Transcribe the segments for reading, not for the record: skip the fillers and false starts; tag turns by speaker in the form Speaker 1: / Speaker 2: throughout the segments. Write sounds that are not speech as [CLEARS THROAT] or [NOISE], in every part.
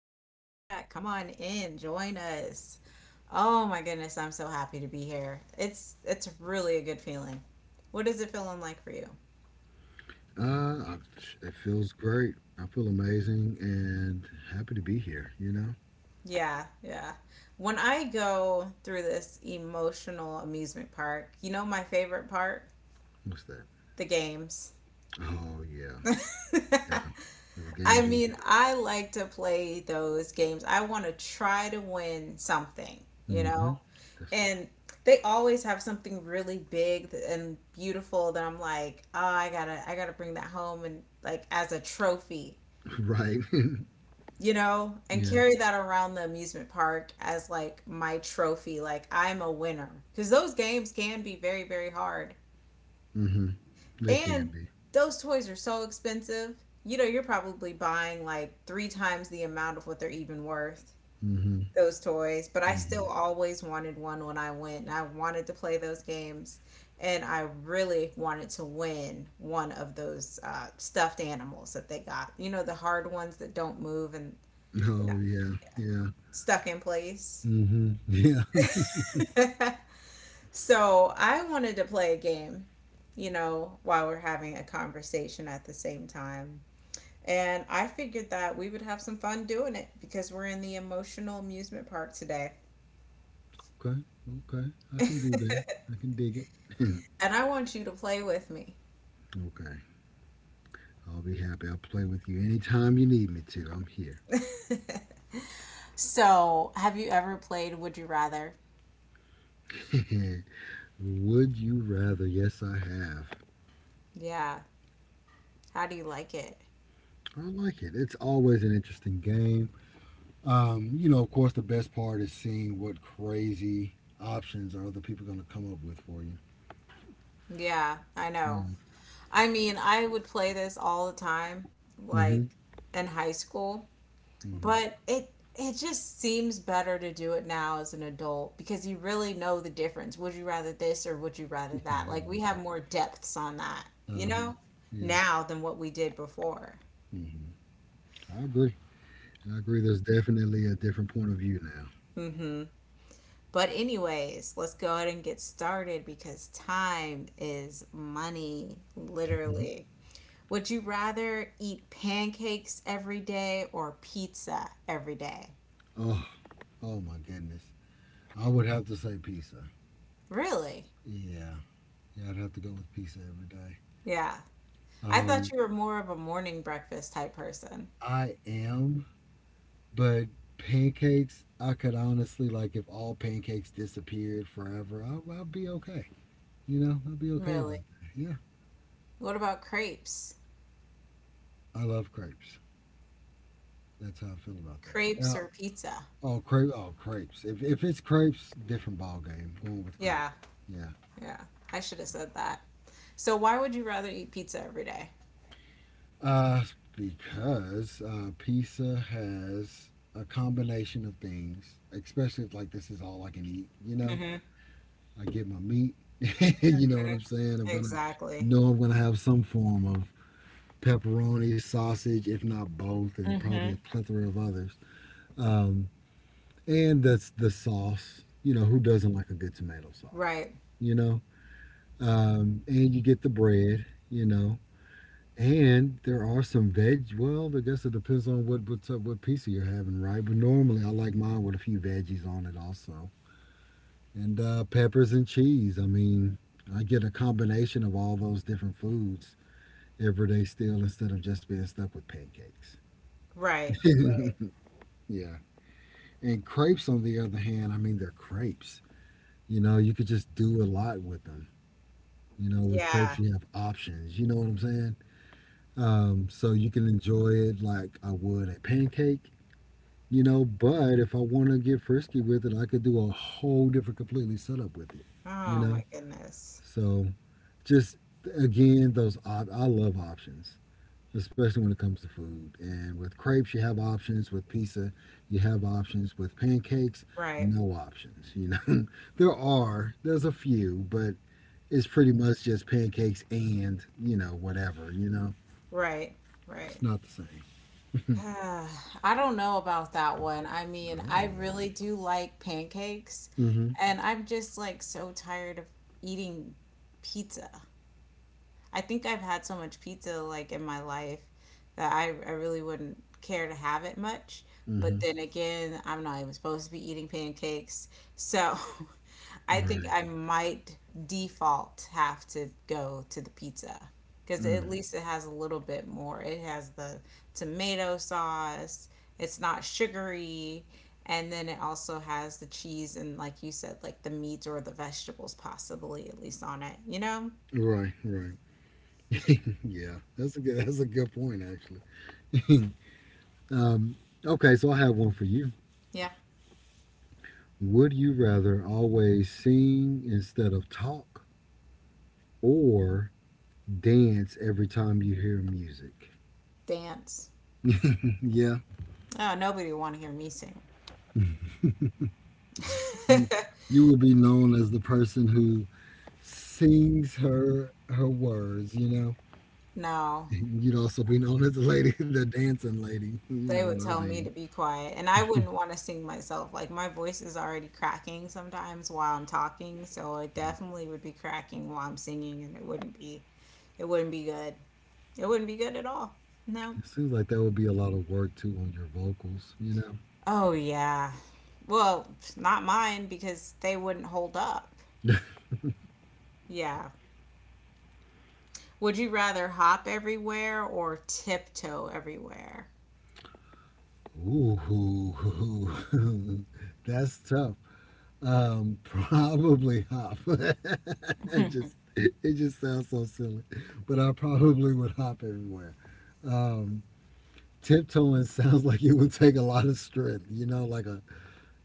Speaker 1: back. Come on in. Join us. Oh my goodness, I'm so happy to be here. It's really a good feeling. What is it feeling like for you?
Speaker 2: Uh, it feels great. I feel amazing and happy to be here. You know,
Speaker 1: Yeah, yeah. When I go through this emotional amusement park, you know my favorite part?
Speaker 2: what's that?
Speaker 1: The games.
Speaker 2: Oh yeah, yeah. So the
Speaker 1: [LAUGHS] I
Speaker 2: games are the
Speaker 1: mean,
Speaker 2: best.
Speaker 1: I like to play those games. I want to try to win something, you
Speaker 2: Mm-hmm.
Speaker 1: know?
Speaker 2: That's
Speaker 1: And they always have something really big and beautiful that I'm like, "Oh, I got to bring that home and like as a trophy."
Speaker 2: [LAUGHS] right. [LAUGHS]
Speaker 1: You know, and
Speaker 2: yeah.
Speaker 1: carry that around the amusement park as like my trophy, like I'm a winner. Cuz those games can be very very hard.
Speaker 2: Mm-hmm. They can
Speaker 1: And
Speaker 2: be.
Speaker 1: those toys are so expensive. You know, you're probably buying like three times the amount of what they're even worth,
Speaker 2: Mm-hmm.
Speaker 1: those toys. But I
Speaker 2: Mm-hmm.
Speaker 1: still always wanted one when I went, and I wanted to play those games. And I really wanted to win one of those stuffed animals that they got. You know, the hard ones that don't move and, you know,
Speaker 2: Oh yeah, yeah.
Speaker 1: stuck in place.
Speaker 2: Mm-hmm. Yeah. [LAUGHS]
Speaker 1: [LAUGHS] So I wanted to play a game, you know, while we're having a conversation at the same time. And I figured that we would have some fun doing it because we're in the emotional amusement park today.
Speaker 2: Okay. Okay. I can do that. I can dig it. [LAUGHS]
Speaker 1: And I want you to play with me.
Speaker 2: okay. I'll be happy. I'll play with you anytime you need me to. I'm here.
Speaker 1: So, have you ever played Would You Rather?
Speaker 2: [LAUGHS] Would you rather? Yes, I have.
Speaker 1: Yeah. How do you like it?
Speaker 2: I like it. It's always an interesting game. You know, of course, the best part is seeing what crazy options are other people going to come up with for you.
Speaker 1: Yeah, I know.
Speaker 2: Yeah.
Speaker 1: I mean, I would play this all the time,
Speaker 2: hmm
Speaker 1: like in high school,
Speaker 2: Mm-hmm.
Speaker 1: but it just seems better to do it now as an adult because you really know the difference. Would you rather this or would you rather
Speaker 2: [LAUGHS]
Speaker 1: that?
Speaker 2: Yeah,
Speaker 1: Like we have
Speaker 2: right.
Speaker 1: more depths on that, you
Speaker 2: Uh huh.
Speaker 1: know,
Speaker 2: Yeah.
Speaker 1: now than what we did before.
Speaker 2: Mm-hmm. I agree. I agree. There's definitely a different point of view now.
Speaker 1: Mhm. But anyways, let's go ahead and get started because time is money,
Speaker 2: Mhm.
Speaker 1: literally. Would you rather eat pancakes every day or pizza every day?
Speaker 2: Oh, oh my goodness. I would have to say pizza.
Speaker 1: Really?
Speaker 2: Yeah. Yeah, I'd have to go with pizza every day.
Speaker 1: Yeah. I thought
Speaker 2: Um,
Speaker 1: you were more of a morning breakfast type person.
Speaker 2: I am. But pancakes, I could honestly like if all pancakes disappeared forever, I'd be okay. You know, I'd be okay about
Speaker 1: Really?
Speaker 2: that. Yeah,
Speaker 1: What about crepes?
Speaker 2: I love crepes. That's how I feel about that.
Speaker 1: Crepes or pizza?
Speaker 2: Oh, crepes. If it's crepes, different ball game. Going with
Speaker 1: Yeah,
Speaker 2: crepes. Yeah.
Speaker 1: yeah. I should have said that. So why would you rather eat pizza every day?
Speaker 2: Uh, because pizza has a combination of things, especially if like this is all I can eat. You know,
Speaker 1: Mm-hmm.
Speaker 2: I get my meat. [LAUGHS] you know what
Speaker 1: Mm-hmm.
Speaker 2: I'm saying? I'm gonna
Speaker 1: Exactly.
Speaker 2: know I'm gonna have some form of pepperoni, sausage, if not both, and probably
Speaker 1: Mm-hmm.
Speaker 2: a plethora of others. Um, and that's the sauce. You know, who doesn't like a good tomato sauce?
Speaker 1: Right.
Speaker 2: You know, and you get the bread. You know, and there are some veg. Well, I guess it depends on what's up, what pizza you're having, right? But normally, I like mine with a few veggies on it also, and peppers and cheese. I mean, I get a combination of all those different foods every day still instead of just being stuck with pancakes.
Speaker 1: Right. Right.
Speaker 2: [LAUGHS] Yeah. And crepes, on the other hand, I mean, they're crepes. You know, you could just do a lot with them. You know, with
Speaker 1: Yeah.
Speaker 2: crepes, you have options. You know what I'm saying? So you can enjoy it like I would a pancake, you know, but if I want to get frisky with it, I could do a whole different, completely setup with it, you
Speaker 1: Oh
Speaker 2: know?
Speaker 1: my goodness.
Speaker 2: So just Again, I love options, especially when it comes to food. And with crepes, you have options. With pizza, you have options. With pancakes,
Speaker 1: Right.
Speaker 2: no options. You know, [LAUGHS] there's a few, but it's pretty much just pancakes and, you know, whatever, you know,
Speaker 1: Right.
Speaker 2: it's
Speaker 1: Right.
Speaker 2: not the
Speaker 1: [SIGHS]
Speaker 2: same.
Speaker 1: Ah, I don't know about that one. I mean, I
Speaker 2: Oh.
Speaker 1: really do like pancakes,
Speaker 2: Mm-hmm.
Speaker 1: and I'm just like so tired of eating pizza. I think I've had so much pizza like in my life that I really wouldn't care to have it much.
Speaker 2: Mm-hmm.
Speaker 1: But then again, I'm not even supposed to be eating pancakes. So [LAUGHS] I
Speaker 2: All
Speaker 1: think
Speaker 2: right.
Speaker 1: I might default have to go to the pizza because at
Speaker 2: Mm.
Speaker 1: least it has a little bit more. It has the tomato sauce, it's not sugary. And then it also has the cheese and, like you said, like the meat or the vegetables, possibly at least on it, you know?
Speaker 2: Right, right. [LAUGHS] yeah, That's a good point, actually. [LAUGHS] um, okay, so I have one for you.
Speaker 1: Yeah.
Speaker 2: Would you rather always sing instead of talk, or dance every time you hear music?
Speaker 1: Dance.
Speaker 2: [LAUGHS] Yeah,
Speaker 1: Oh, nobody would want to hear me sing.
Speaker 2: you,
Speaker 1: [LAUGHS]
Speaker 2: you will be known as the person who sings her words. You know, [LAUGHS]
Speaker 1: No,
Speaker 2: you'd also be known as the lady, [LAUGHS] the dancing lady. You
Speaker 1: they
Speaker 2: know, on
Speaker 1: would
Speaker 2: the other
Speaker 1: tell me
Speaker 2: hand,
Speaker 1: to be quiet, and I wouldn't want to sing myself. Like my voice is already cracking sometimes while I'm talking, so it definitely would be cracking while I'm singing, and it wouldn't be good. It wouldn't be good at all. No.
Speaker 2: it seems like that would be a lot of work too on your vocals. You know,
Speaker 1: Oh yeah. Well, not mine because they wouldn't hold up. Yeah. Would you rather hop everywhere or tiptoe everywhere?
Speaker 2: ooh, [LAUGHS] that's tough. Probably hop. [LAUGHS] It just sounds so silly, but I probably would hop everywhere. Um, Tiptoeing sounds like it would take a lot of strength, you know, like a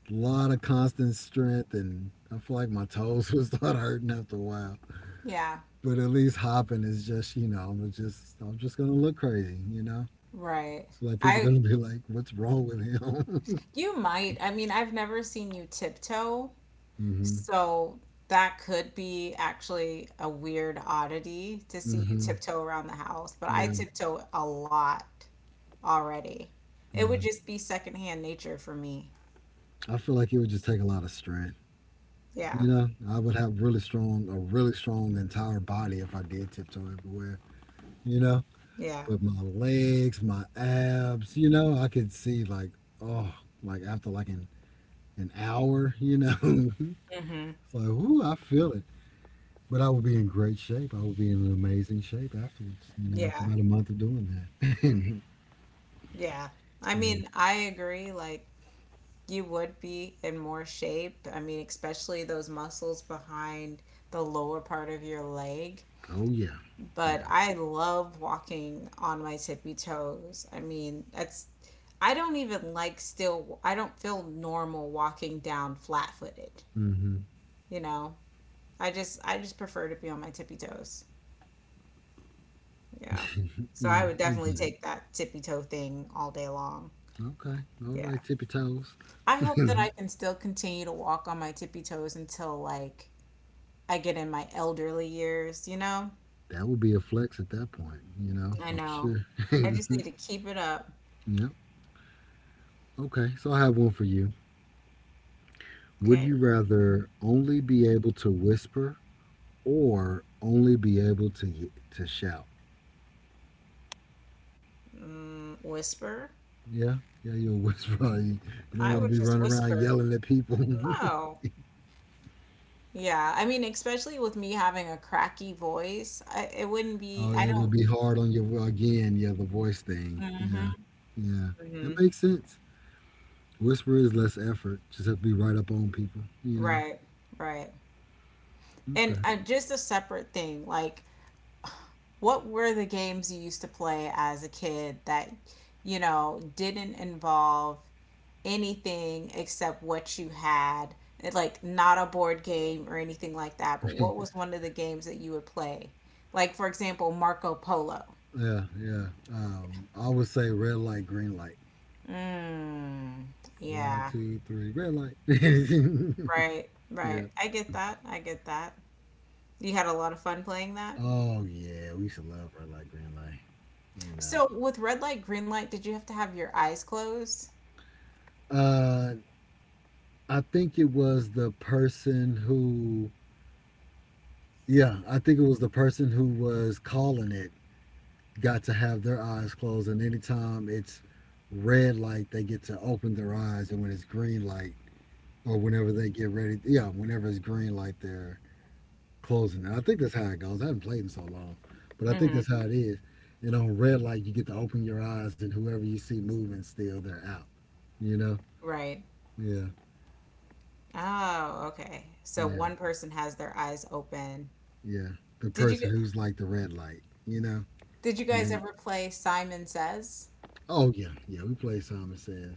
Speaker 2: lot of constant strength. And I feel like my toes [LAUGHS] would start hurting after a while.
Speaker 1: Yeah.
Speaker 2: But at least hopping is just, you know, I'm just going to look crazy, you know?
Speaker 1: Right.
Speaker 2: Like people
Speaker 1: I
Speaker 2: going to be like, what's wrong with him? [LAUGHS]
Speaker 1: You might. I mean, I've never seen you tiptoe,
Speaker 2: mm hmm
Speaker 1: so that could be actually a weird oddity to
Speaker 2: mm
Speaker 1: see you
Speaker 2: hmm
Speaker 1: tiptoe around the house, but I
Speaker 2: Yeah.
Speaker 1: tiptoe a lot already. It would
Speaker 2: Yeah.
Speaker 1: just be secondhand nature for me.
Speaker 2: I feel like it would just take a lot of strength.
Speaker 1: Yeah.
Speaker 2: You know, I would have really strong, a really strong entire body if I did tiptoe everywhere. You know,
Speaker 1: Yeah.
Speaker 2: but my legs, my abs, you know, I could see like, oh, like an hour, you know, [LAUGHS] it's
Speaker 1: Mm-hmm.
Speaker 2: like, ooh, I feel it. But I would be in great shape. I would be in amazing shape afterwards, you know, after
Speaker 1: Yeah.
Speaker 2: about a month of doing that. [LAUGHS]
Speaker 1: Yeah. I
Speaker 2: yeah.
Speaker 1: mean, I agree. Like, you would be in more shape. I mean, especially those muscles behind the lower part of your leg,
Speaker 2: Oh, yeah. Yeah.
Speaker 1: but I love walking on my tippy toes. I mean, that's I don't even like still I don't feel normal walking down flat-footed,
Speaker 2: hmm
Speaker 1: you know. I just prefer to be on my tippy toes. Yeah.
Speaker 2: [LAUGHS]
Speaker 1: So
Speaker 2: yeah,
Speaker 1: I would
Speaker 2: I
Speaker 1: definitely
Speaker 2: get it.
Speaker 1: take that tippy toe thing all day long.
Speaker 2: Okay. All right,
Speaker 1: Yeah.
Speaker 2: tippy toes. [LAUGHS]
Speaker 1: I hope that
Speaker 2: that
Speaker 1: I can still continue to walk on my tippy toes until like I get in my elderly years, you know?
Speaker 2: would be a flex at that point, you know,
Speaker 1: I
Speaker 2: I'm
Speaker 1: know.
Speaker 2: sure.
Speaker 1: I just
Speaker 2: [LAUGHS]
Speaker 1: need to keep it up.
Speaker 2: yep. Okay, so I have one for you. Would
Speaker 1: Okay.
Speaker 2: you rather only be able to whisper or only be able to shout?
Speaker 1: Mm, whisper.
Speaker 2: Yeah, yeah, you're a [LAUGHS] You, you don't
Speaker 1: I
Speaker 2: want to
Speaker 1: would
Speaker 2: be
Speaker 1: just
Speaker 2: running around
Speaker 1: whisper.
Speaker 2: yelling at people. [LAUGHS]
Speaker 1: No. Yeah, I mean, especially with me having a cracky voice, it wouldn't be,
Speaker 2: oh,
Speaker 1: I
Speaker 2: it would
Speaker 1: don't.
Speaker 2: be hard on your again. Yeah, the voice thing. Yeah,
Speaker 1: hmm
Speaker 2: yeah, that
Speaker 1: hmm
Speaker 2: makes sense. Whisper is less effort. Just have to be right up on people. You
Speaker 1: Right, right. And
Speaker 2: know.
Speaker 1: just a separate thing, like, what were the games you used to play as a kid that, you know, didn't involve anything except what you had? Like, not a board game or anything like that, but
Speaker 2: Okay.
Speaker 1: what was one of the games that you would play? Like, for example, Marco Polo.
Speaker 2: [LAUGHS] yeah, yeah. I would say red light, green light.
Speaker 1: Mm,
Speaker 2: One,
Speaker 1: yeah,
Speaker 2: two, three, red light.
Speaker 1: right,
Speaker 2: [LAUGHS] yeah.
Speaker 1: right. I get that. I get that. You had a lot of fun playing that.
Speaker 2: Oh yeah, we used to love red light, green light. You know,
Speaker 1: So with red light, green light, did you have to have your eyes closed?
Speaker 2: uh, I think it was the person who, yeah, I think it was the person who was calling it got to have their eyes closed, and anytime it's red light, they get to open their eyes, and when it's green light, or whenever they get ready, yeah, whenever it's green light, they're closing it. I think that's how it goes. I haven't played in so long, but I think
Speaker 1: Hmm.
Speaker 2: that's how it is. And on red light, you get to open your eyes, and whoever you see moving, still they're out. You know,
Speaker 1: Right.
Speaker 2: yeah.
Speaker 1: Oh, okay. So
Speaker 2: Yeah,
Speaker 1: one person has their eyes open.
Speaker 2: yeah. The
Speaker 1: Did you g-
Speaker 2: person who's like the red light, you know?
Speaker 1: did you
Speaker 2: And
Speaker 1: guys
Speaker 2: then,
Speaker 1: ever play Simon Says?
Speaker 2: oh, yeah, yeah, we play Simon Says.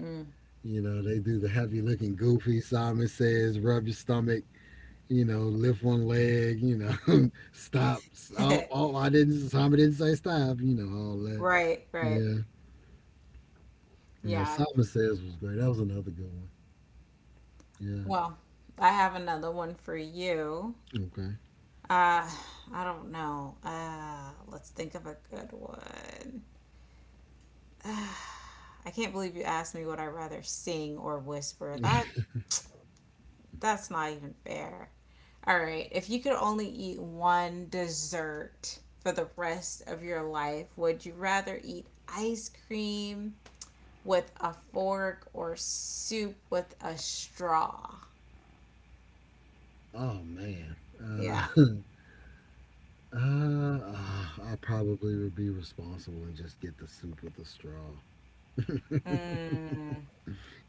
Speaker 1: Mm.
Speaker 2: You know, they do the heavy looking goofy Simon Says, rub your stomach, you know, lift one leg, you know, [LAUGHS] stop. Oh,
Speaker 1: [LAUGHS]
Speaker 2: oh, I didn't, Simon didn't say stop, you know, all that.
Speaker 1: Right, right.
Speaker 2: Yeah, yeah,
Speaker 1: Yeah.
Speaker 2: Simon Says was great. That was another good one. Yeah,
Speaker 1: Well, I have another one for you.
Speaker 2: okay.
Speaker 1: Uh, I don't know. Let's think of a good one. I can't believe you asked me would I rather sing or whisper.
Speaker 2: [LAUGHS]
Speaker 1: That's not even fair. All right, if you could only eat one dessert for the rest of your life, would you rather eat ice cream with a fork or soup with a straw?
Speaker 2: Oh, man.
Speaker 1: Yeah.
Speaker 2: Uh, [LAUGHS] I probably would be responsible and just get the soup with the straw.
Speaker 1: Mm,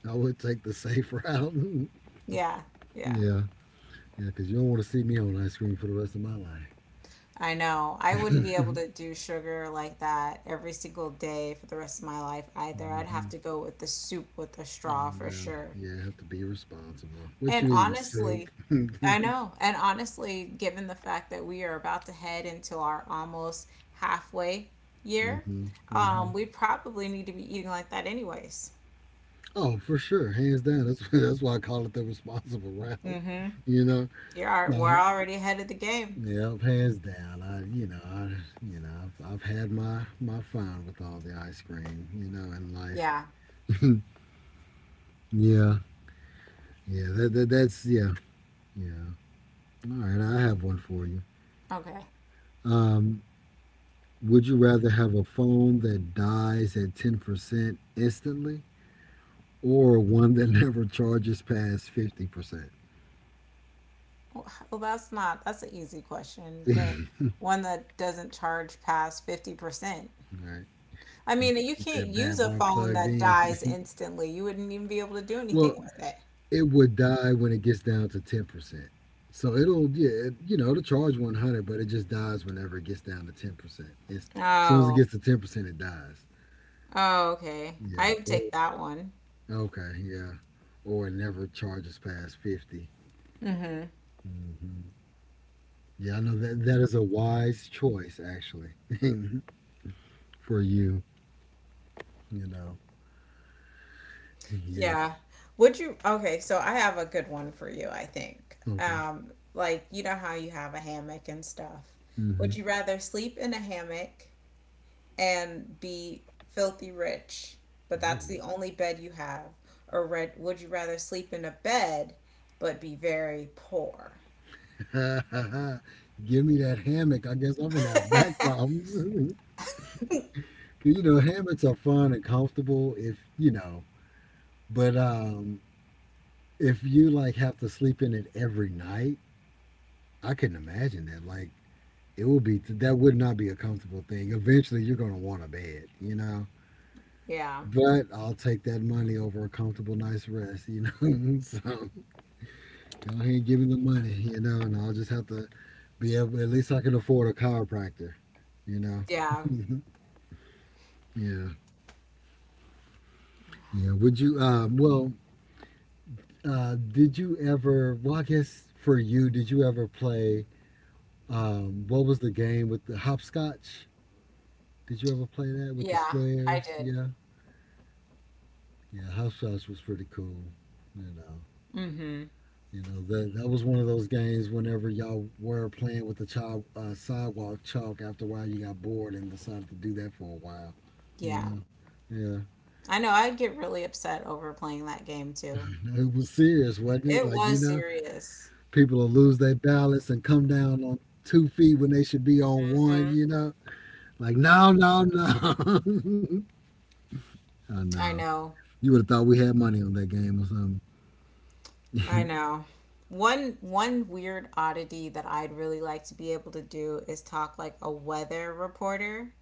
Speaker 2: I would take the safe route. [LAUGHS]
Speaker 1: yeah. Yeah.
Speaker 2: yeah, yeah, because you don't want to see me on ice cream for the rest of my life.
Speaker 1: I know. I wouldn't be able to
Speaker 2: [LAUGHS]
Speaker 1: do sugar like that every single day for the rest of my life either. I'd have
Speaker 2: hmm
Speaker 1: to go with the soup with a straw for
Speaker 2: And,
Speaker 1: sure.
Speaker 2: yeah, I have to be responsible. What
Speaker 1: And
Speaker 2: you eating? Soup.
Speaker 1: honestly,
Speaker 2: [LAUGHS] hmm
Speaker 1: I know. And honestly, given the fact that we are about to head into our almost halfway year,
Speaker 2: hmm
Speaker 1: we probably need to be eating like that anyways.
Speaker 2: Oh, for sure, hands down. That's [LAUGHS] that's why I call it the responsible route. [LAUGHS]
Speaker 1: Mm-hmm.
Speaker 2: You know,
Speaker 1: We're
Speaker 2: no,
Speaker 1: already ahead of the game.
Speaker 2: yeah, hands down. I, you know, I've had my fun with all the ice cream, you know, in
Speaker 1: Yeah.
Speaker 2: life. [LAUGHS] Yeah, that's yeah, yeah. All right, I have one for you.
Speaker 1: Okay.
Speaker 2: Um, would you rather have a phone that dies at 10% instantly or one that [LAUGHS] never charges past 50%?
Speaker 1: Well, [LAUGHS] well, that's not, that's an easy question.
Speaker 2: [LAUGHS]
Speaker 1: The
Speaker 2: All
Speaker 1: one that doesn't charge past 50%.
Speaker 2: right, it's
Speaker 1: I
Speaker 2: going [LAUGHS]
Speaker 1: mean,
Speaker 2: to
Speaker 1: you
Speaker 2: keep
Speaker 1: can't
Speaker 2: that bad
Speaker 1: use a
Speaker 2: boy
Speaker 1: phone
Speaker 2: plugged
Speaker 1: that dies
Speaker 2: in.
Speaker 1: instantly. You wouldn't even be able to do
Speaker 2: [LAUGHS]
Speaker 1: anything
Speaker 2: well,
Speaker 1: with it.
Speaker 2: it would die when it gets down to 10%. So it'll, yeah, you know, it'll charge 100, but it just dies whenever it gets down to 10%. As soon as it
Speaker 1: Oh.
Speaker 2: gets to 10%, it dies.
Speaker 1: Oh, okay.
Speaker 2: Yeah.
Speaker 1: I would take that one.
Speaker 2: Okay, yeah. Or it never charges past 50.
Speaker 1: Mm-hmm.
Speaker 2: Hmm Yeah, I know that that is a wise choice actually [LAUGHS] for you. You know. Yeah.
Speaker 1: Yeah. Would you? Okay, so I have a good one for you, I think.
Speaker 2: Okay.
Speaker 1: Like, you know how you have a hammock and stuff.
Speaker 2: hmm
Speaker 1: Would you rather sleep in a hammock and be filthy rich, but that's
Speaker 2: Ooh.
Speaker 1: the only bed you have, or would you rather sleep in a bed but be very poor?
Speaker 2: [LAUGHS] Give me that hammock. I guess I'm gonna have back
Speaker 1: [LAUGHS]
Speaker 2: problems. [LAUGHS] 'Cause, you know, hammocks are fun and comfortable if you know, but if you like have to sleep in it every night, I couldn't imagine that. Like, it would be that would not be a comfortable thing. Eventually, you're gonna want a bed. You know.
Speaker 1: Yeah.
Speaker 2: But I'll take that money over a comfortable, nice rest, you know. [LAUGHS] so go ahead and give me the money, you know, and I'll just have to be able. At least I can afford a chiropractor, you know.
Speaker 1: Yeah.
Speaker 2: [LAUGHS] yeah, yeah. Would you? Well, did you ever? Well, I guess for you, did you ever play? What was the game with the hopscotch? Did you ever play that with the
Speaker 1: Yeah, I
Speaker 2: squares?
Speaker 1: did.
Speaker 2: Yeah, yeah. Hopscotch was pretty cool, you know.
Speaker 1: Mm-hmm.
Speaker 2: You know that was one of those games. Whenever y'all were playing with the child sidewalk chalk, after a while you got bored and decided to do that for a while. You
Speaker 1: Yeah.
Speaker 2: know, yeah.
Speaker 1: I know I'd get really upset over playing that game too.
Speaker 2: No, it was serious, wasn't it?
Speaker 1: It
Speaker 2: Like you
Speaker 1: was
Speaker 2: know,
Speaker 1: serious.
Speaker 2: people will lose their balance and come down on 2 feet when they should be on one.
Speaker 1: Hmm.
Speaker 2: You know, like no, no, no. [LAUGHS] I
Speaker 1: I
Speaker 2: know.
Speaker 1: know.
Speaker 2: You would have thought we had money on that game or something.
Speaker 1: I know. One weird oddity that I'd really like to be able to do is talk like a weather reporter.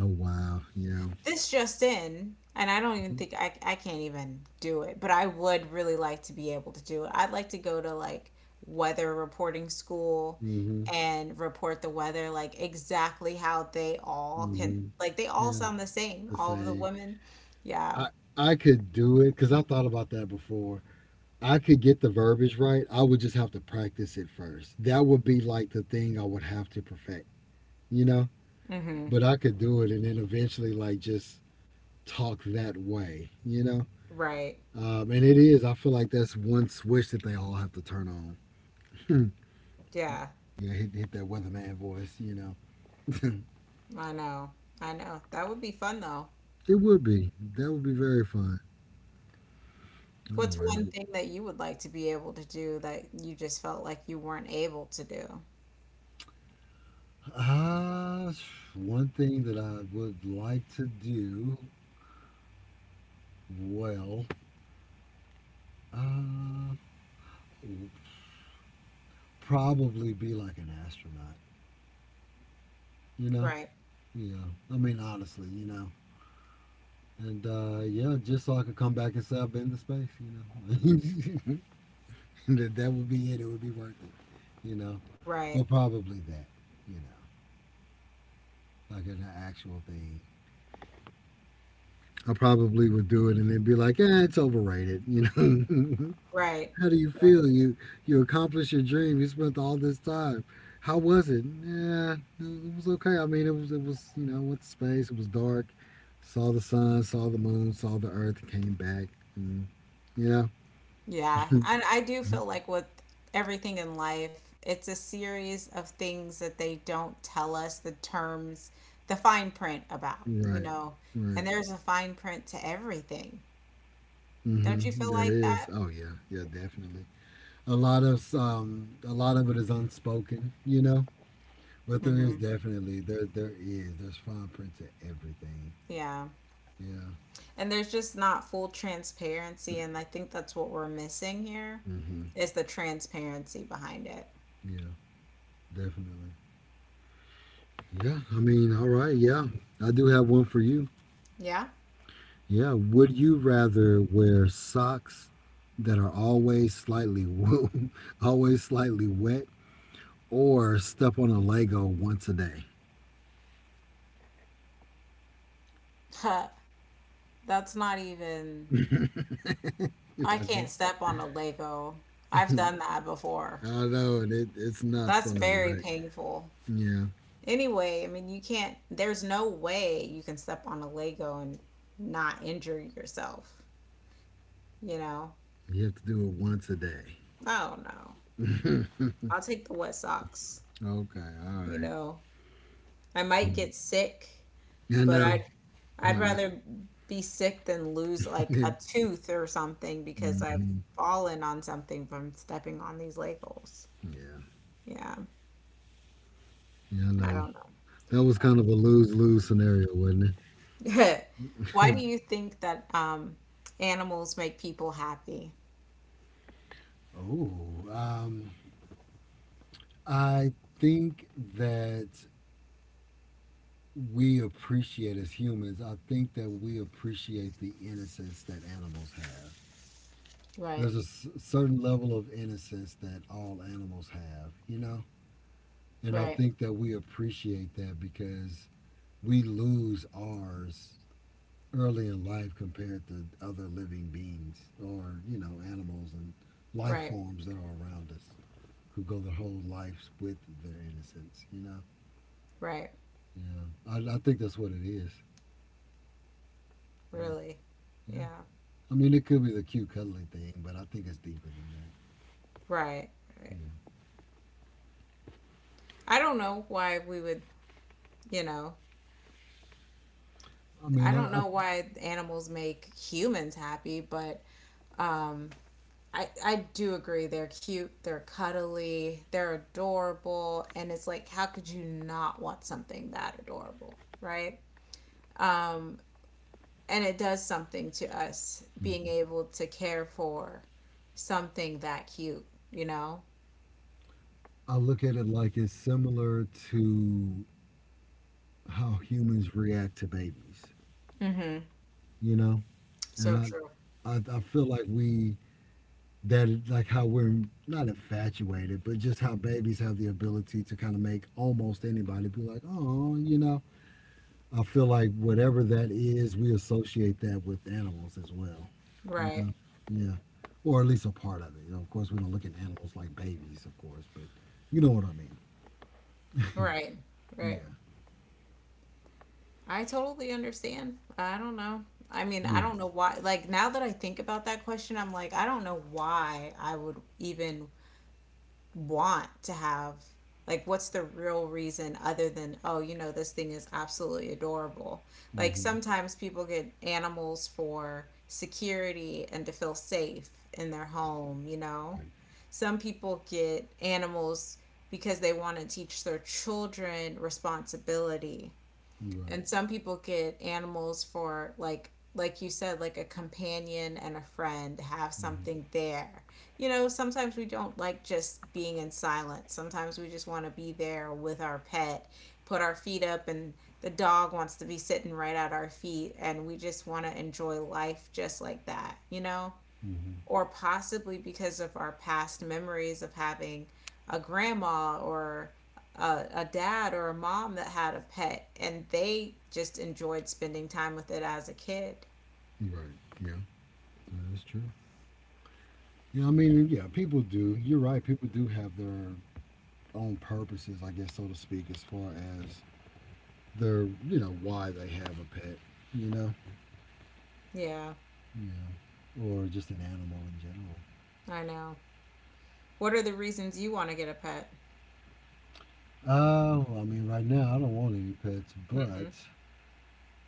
Speaker 2: Oh wow, yeah.
Speaker 1: This just in, and I don't even think I can't even do it, but I would really like to be able to do it. I'd like to go to like weather reporting school
Speaker 2: Mhm,
Speaker 1: and report the weather like exactly how they all can,
Speaker 2: mhm.
Speaker 1: like they all
Speaker 2: Yeah,
Speaker 1: sound the same,
Speaker 2: the
Speaker 1: all of the
Speaker 2: same.
Speaker 1: women. Yeah.
Speaker 2: I I could do it because I thought about that before. I could get the verbiage right. I would just have to practice it first. That would be like the thing I would have to perfect, you know?
Speaker 1: Mm-hmm.
Speaker 2: But I could do it and then eventually like just talk that way, you know?
Speaker 1: Right.
Speaker 2: And it is. I feel like that's one switch that they all have to turn on. Hmm.
Speaker 1: Yeah.
Speaker 2: You know, hit that weatherman voice, you know? [LAUGHS]
Speaker 1: I know. I know. That would be fun though.
Speaker 2: It would be. That would be very fun. All
Speaker 1: What's
Speaker 2: right.
Speaker 1: one thing that you would like to be able to do that you just felt like you weren't able to do?
Speaker 2: Uh, one thing that I would like to do. Well, uh, probably be like an astronaut, you know?
Speaker 1: Right.
Speaker 2: Yeah. I mean, honestly, you know? And yeah, just so I could come back and say I've been to space, you know? [LAUGHS] That would be it. It would be worth it, you know?
Speaker 1: Right.
Speaker 2: But probably that, you know? Like an actual thing. I probably would do it and then be like, eh, it's overrated, you know?
Speaker 1: Right.
Speaker 2: [LAUGHS] How do you feel? You accomplished your dream. You spent all this time. How was it? Yeah, it was okay. I mean, it was, you know, I went to space. It was dark. Saw the sun. Saw the moon. Saw the Earth. Came back. And, you know.
Speaker 1: Yeah, and
Speaker 2: [LAUGHS]
Speaker 1: I do feel like with everything in life, it's a series of things that they don't tell us the terms, the fine print about, you
Speaker 2: Right.
Speaker 1: know, and
Speaker 2: Right.
Speaker 1: there's a fine print to everything. Don't you
Speaker 2: Mm-hmm.
Speaker 1: feel
Speaker 2: There
Speaker 1: like
Speaker 2: is.
Speaker 1: that?
Speaker 2: Oh yeah. Yeah. Definitely. A lot of it is unspoken. You know. But there is
Speaker 1: Mm-hmm.
Speaker 2: definitely. There's fine print to everything.
Speaker 1: Yeah.
Speaker 2: Yeah.
Speaker 1: And there's just not full transparency, and I think that's what we're missing here
Speaker 2: Mm-hmm.
Speaker 1: is the transparency behind it.
Speaker 2: Yeah. Definitely. Yeah, I mean, all right, yeah. I do have one for you.
Speaker 1: Yeah.
Speaker 2: Yeah, would you rather wear socks that are always slightly [LAUGHS] always slightly wet or step on a Lego once a day?
Speaker 1: [LAUGHS] Huh. That's not even,
Speaker 2: [LAUGHS] You're
Speaker 1: I
Speaker 2: like, what?
Speaker 1: can't step on a Lego. I've done that before.
Speaker 2: I know, and it's not
Speaker 1: That's
Speaker 2: fun,
Speaker 1: very
Speaker 2: right?
Speaker 1: painful.
Speaker 2: Yeah,
Speaker 1: Anyway, I mean, you can't, there's no way you can step on a Lego and not injure yourself, you know?
Speaker 2: you have to do it once a day.
Speaker 1: I don't know.
Speaker 2: [LAUGHS]
Speaker 1: I'll take the wet socks,
Speaker 2: Okay, all
Speaker 1: you
Speaker 2: right.
Speaker 1: know? I might get sick,
Speaker 2: I
Speaker 1: but
Speaker 2: know, I
Speaker 1: I'd
Speaker 2: know.
Speaker 1: rather be sick than lose like a tooth or something because
Speaker 2: [LAUGHS]
Speaker 1: I've
Speaker 2: Hmm.
Speaker 1: fallen on something from stepping on these Legos.
Speaker 2: Yeah,
Speaker 1: Yeah,
Speaker 2: yeah, I
Speaker 1: I
Speaker 2: know.
Speaker 1: don't
Speaker 2: That was kind of a lose lose scenario, wasn't
Speaker 1: know. [LAUGHS] Why do
Speaker 2: it?
Speaker 1: you think that animals make people happy?
Speaker 2: [LAUGHS] Oh, um, I think that we appreciate as humans, I think that we appreciate the innocence that animals have.
Speaker 1: Right.
Speaker 2: There's a certain level of innocence that all animals have, you know? And I
Speaker 1: Right.
Speaker 2: think that we appreciate that because we lose ours early in life compared to other living beings or, you know, animals and life
Speaker 1: Right.
Speaker 2: forms that are around us who go their whole lives with their innocence, you know?
Speaker 1: Right.
Speaker 2: Yeah, I think that's what it is. Yeah,
Speaker 1: Really.
Speaker 2: yeah.
Speaker 1: Yeah.
Speaker 2: I mean, it could be the cute, cuddly thing, but I think it's deeper than that.
Speaker 1: Right. Right.
Speaker 2: Yeah.
Speaker 1: I don't know why we would, you know,
Speaker 2: I
Speaker 1: I
Speaker 2: mean,
Speaker 1: don't
Speaker 2: I I
Speaker 1: know why animals make humans happy, but um, I do agree they're cute, they're cuddly, they're adorable, and it's like how could you not want something that adorable, right? Um, and it does something to us being able to care for something that cute, you know?
Speaker 2: I look at it like it's similar to how humans react to babies,
Speaker 1: Mm-hmm.
Speaker 2: you know. And
Speaker 1: So true.
Speaker 2: I feel like we that is like how we're not infatuated, but just how babies have the ability to kind of make almost anybody be like, oh, you know. I feel like whatever that is, we associate that with animals as well.
Speaker 1: Right.
Speaker 2: Yeah. Yeah. Or at least a part of it. You know, of course, we don't look at animals like babies, of course, but you know what I mean.
Speaker 1: Right. Right.
Speaker 2: Yeah.
Speaker 1: I totally understand. I don't know. I mean, I
Speaker 2: Yeah.
Speaker 1: don't know why. Like, now that I think about that question, I'm like, I don't know why I would even want to have, like, what's the real reason other than, oh, you know, this thing is absolutely adorable. Like,
Speaker 2: Hmm.
Speaker 1: sometimes people get animals for security and to feel safe in their
Speaker 2: Right.
Speaker 1: home, you know?
Speaker 2: Right.
Speaker 1: Some people get animals because they want to teach their children responsibility.
Speaker 2: You're right.
Speaker 1: And some people get animals for like you said, like a companion and a friend, have
Speaker 2: Hmm.
Speaker 1: something there. You know, sometimes we don't like just being in silence. Sometimes we just want to be there with our pet, put our feet up, and the dog wants to be sitting right at our feet, and we just want to enjoy life just like that, you know?
Speaker 2: Hmm.
Speaker 1: Or possibly because of our past memories of having a grandma or a dad or a mom that had a pet and they just enjoyed spending time with it as a kid.
Speaker 2: You're right. Yeah. That is true. Yeah. I mean, yeah, people do. You're right. People do have their own purposes, I guess, so to speak, as far as their, you know, why they have a pet, you know?
Speaker 1: Yeah,
Speaker 2: Yeah. Or just an animal in general.
Speaker 1: I know. What are the reasons you want to get a pet?
Speaker 2: Oh, I mean, right now I don't want any pets,
Speaker 1: hmm
Speaker 2: but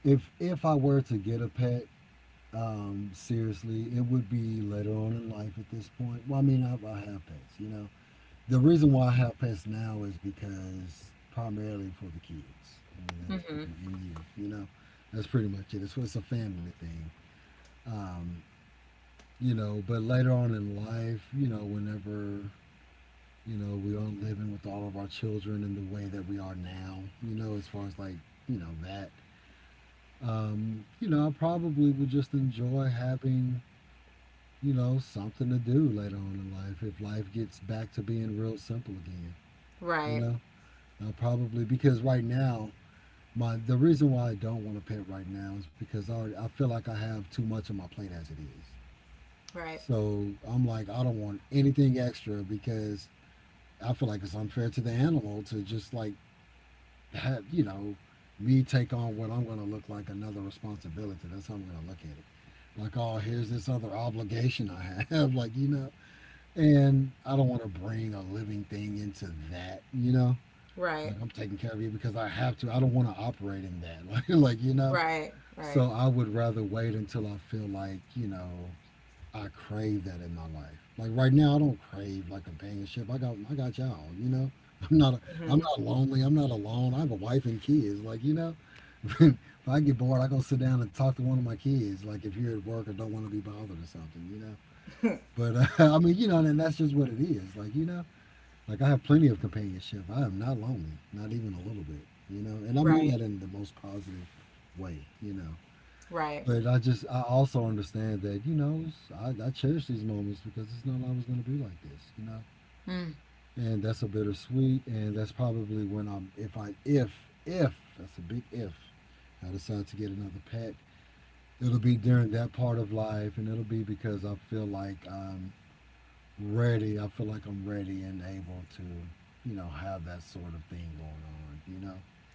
Speaker 2: if I were to get a pet, seriously, it would be later on in life at this point. Well, I mean, I have pets, you know. The reason why I have pets now is because primarily for the kids. I mean, that's
Speaker 1: hmm
Speaker 2: pretty much you know. That's pretty much it. It's a family thing, um, you know. But later on in life, you know, whenever you know we aren't living with all of our children in the way that we are now, you know, as far as like you know that you know, I probably would just enjoy having, you know, something to do later on in life if life gets back to being real simple again. You
Speaker 1: Right.
Speaker 2: know, I probably, because right now my the reason why I don't want a pet right now is because I already, I feel like I have too much on my plate as it is.
Speaker 1: Right.
Speaker 2: So I'm like I don't want anything extra because I feel like it's unfair to the animal to just like have you know me take on what I'm going to look like another responsibility. That's how I'm going to look at it. Like, oh, here's this other obligation I have, [LAUGHS] like you know, and I don't want to bring a living thing into that, you know.
Speaker 1: Right.
Speaker 2: Like I'm taking care of you because I have to. I don't want to operate in that, [LAUGHS] like you know.
Speaker 1: Right. Right.
Speaker 2: So I would rather wait until I feel like you know I crave that in my life. Like right now, I don't crave like companionship. I got y'all. You know, [LAUGHS] I'm not a, I'm
Speaker 1: hmm
Speaker 2: not lonely. I'm not alone. I have a wife and kids. Like you know, [LAUGHS] if I get bored, I go sit down and talk to one of my kids. Like if you're at work or don't want to be bothered or something, you know. But [LAUGHS] I mean, you know, and that's just what it is. Like you know, like I have plenty of companionship. I am not lonely, not even a little bit. You know, and I mean
Speaker 1: Right.
Speaker 2: that in the most positive way. You know,
Speaker 1: Right.
Speaker 2: but I just I also understand that you know I cherish these moments because it's not always going to be like this, you know.
Speaker 1: Mm.
Speaker 2: And that's a bittersweet, and that's probably when I'm if I if that's a big if, I decide to get another pet, it'll be during that part of life, and it'll be because I feel like I'm ready. I feel like I'm ready and able to, you know, have that sort of thing going on, you know.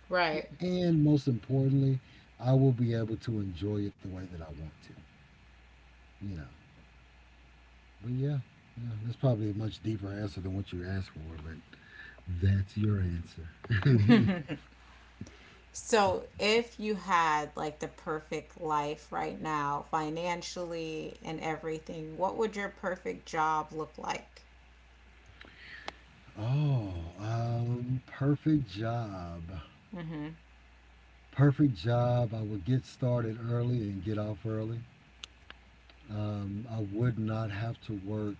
Speaker 1: Right.
Speaker 2: And most importantly, I will be able to enjoy it the way that I want to, you know. But yeah, yeah, that's probably a much deeper answer than what you asked for, but that's your answer.
Speaker 1: So, if you had like the perfect life right now, financially and everything, what would your perfect job look like?
Speaker 2: Oh, perfect job.
Speaker 1: hmm
Speaker 2: Perfect job. I would get started early and get off early. I would not have to work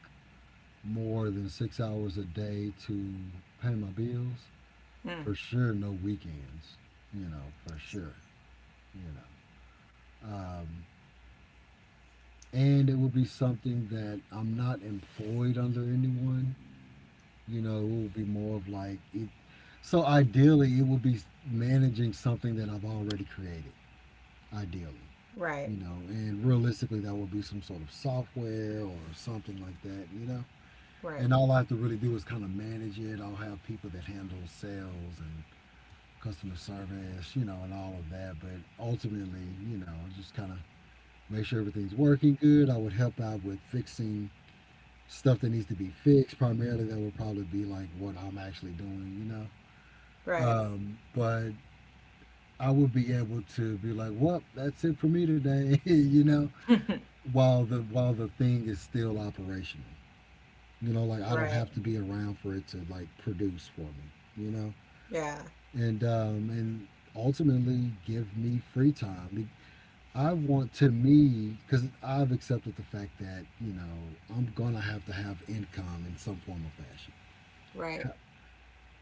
Speaker 2: more than 6 hours a day to pay my bills.
Speaker 1: Mm.
Speaker 2: For sure, no weekends, you know, for sure, you know. Um, and it would be something that I'm not employed under anyone. You know, it will be more of like it. So ideally, it will be managing something that I've already created. Ideally,
Speaker 1: Right,
Speaker 2: you know, and realistically, that would be some sort of software or something like that. You know,
Speaker 1: right,
Speaker 2: and all I have to really do is kind of manage it. I'll have people that handle sales and customer service, you know, and all of that. But ultimately, you know, just kind of make sure everything's working good. I would help out with fixing stuff that needs to be fixed. Primarily, that would probably be like what I'm actually doing, you know.
Speaker 1: right,
Speaker 2: But I would be able to be like, well, that's it for me today, [LAUGHS] you know,
Speaker 1: [LAUGHS]
Speaker 2: while the thing is still operational. You know, like I don't
Speaker 1: right.
Speaker 2: have to be around for it to like produce for me, you know?
Speaker 1: Yeah,
Speaker 2: And ultimately give me free time. I want to me cuz I've accepted the fact that, you know, I'm going to have income in some form or fashion.
Speaker 1: right.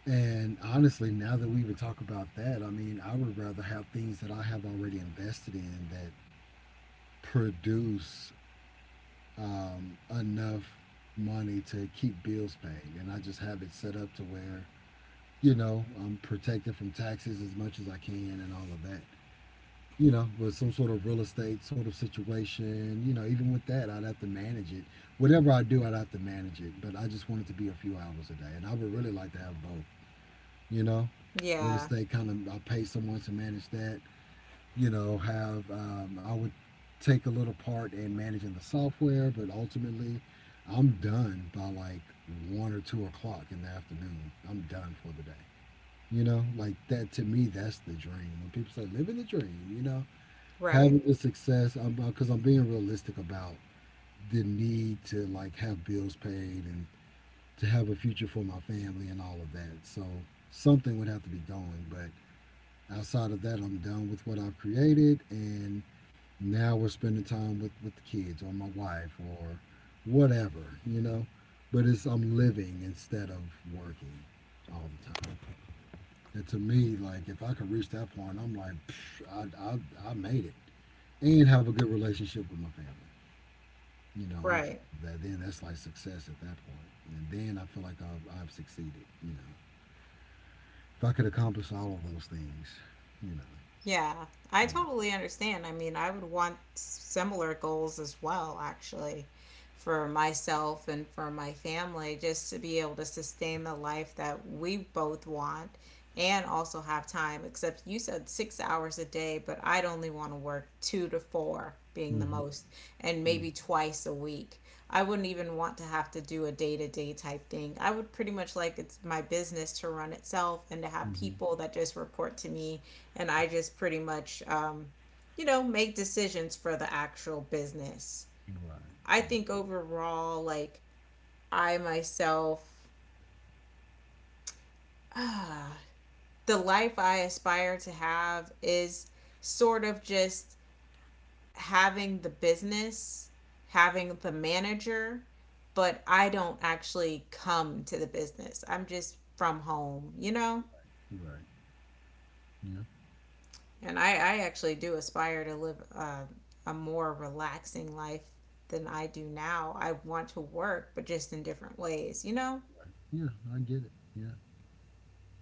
Speaker 2: And honestly, now that we even talk about that, I mean, I would rather have things that I have already invested in that produce enough money to keep bills paid. And I just have it set up to where, you know, I'm protected from taxes as much as I can and all of that. You know, with some sort of real estate sort of situation, you know, even with that, I'd have to manage it. Whatever I do, I'd have to manage it. But I just want it to be a few hours a day. And I would really like to have both. You know, real
Speaker 1: Yeah,
Speaker 2: estate kind of — I pay someone to manage that, you know, have — I would take a little part in managing the software, but ultimately I'm done by like 1 or 2 o'clock in the afternoon. I'm done for the day, you know? Like that to me, that's the dream. When people say living the dream, you know,
Speaker 1: right,
Speaker 2: having the success — I'm, because I'm being realistic about the need to like have bills paid and to have a future for my family and all of that, so something would have to be going. But outside of that, I'm done with what I've created, and now we're spending time with the kids or my wife or whatever, you know. But it's — I'm living instead of working all the time. And to me, like if I could reach that point, I'm like, psh, I made it. And have a good relationship with my family, you know, on top
Speaker 1: right.
Speaker 2: of that. Then that's like success at that point. And then I feel like I've succeeded, you know, if I could accomplish all of those things, you know.
Speaker 1: Yeah, I totally understand. I mean, I would want similar goals as well, actually, for myself and for my family, just to be able to sustain the life that we both want and also have time. Except you said 6 hours a day, but I'd only want to work 2 to 4,
Speaker 2: You
Speaker 1: being the
Speaker 2: know.
Speaker 1: most, and maybe 2 times a week. I wouldn't even want to have to do a day to day type thing. I would pretty much like it's my business to run itself and to have
Speaker 2: Hmm.
Speaker 1: people that just report to me, and I just pretty much, you know, make decisions for the actual business.
Speaker 2: Right.
Speaker 1: I think overall, like I myself, [SIGHS] ah, the life I aspire to have is sort of just having the business, having the manager, but I don't actually come to the business. I'm just from home, you know?
Speaker 2: Yeah. Right. Yeah.
Speaker 1: And I actually do aspire to live a more relaxing life than I do now. I want to work, but just in different ways, you know?
Speaker 2: Yeah, I get it. Yeah,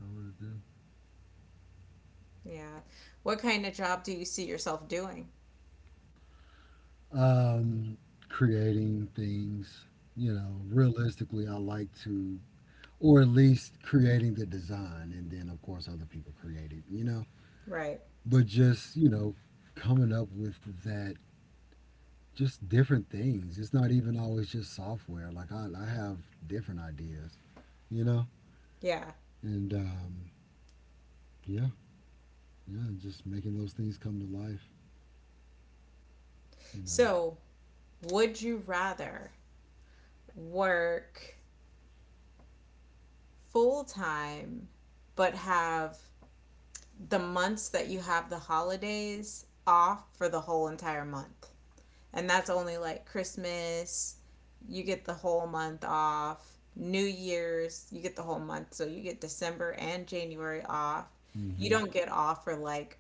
Speaker 2: I really do.
Speaker 1: Yeah. What kind of job do you see yourself doing?
Speaker 2: Um, Creating things, you know, realistically, I like to, or at least creating the design, and then of course other people create it, you know,
Speaker 1: Right.
Speaker 2: but just, you know, coming up with that, just different things. It's not even always just software. Like, I have different ideas, you know,
Speaker 1: Yeah.
Speaker 2: and yeah. Yeah, just making those things come to life, you know.
Speaker 1: So, would you rather work full time but have the months that you have the holidays off for the whole entire month? And that's only like Christmas, you get the whole month off. New Year's, you get the whole month. So you get December and January off. You
Speaker 2: Hmm.
Speaker 1: don't get off for like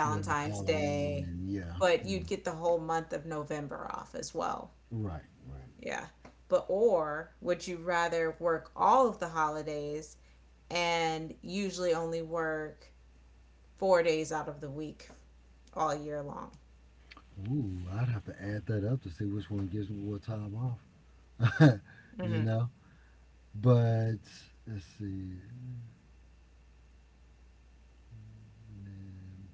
Speaker 2: Feel like Halloween
Speaker 1: Day,
Speaker 2: and yeah.
Speaker 1: but you'd
Speaker 2: mm,
Speaker 1: get the whole month of November off as well.
Speaker 2: Right, right.
Speaker 1: Yeah. But or would you rather work all of the holidays and usually only work 4 days out of the week all year long?
Speaker 2: Ooh, I'd have to add that up to see which one gives me more time off. [LAUGHS] You
Speaker 1: hmm
Speaker 2: know? But let's see. And then,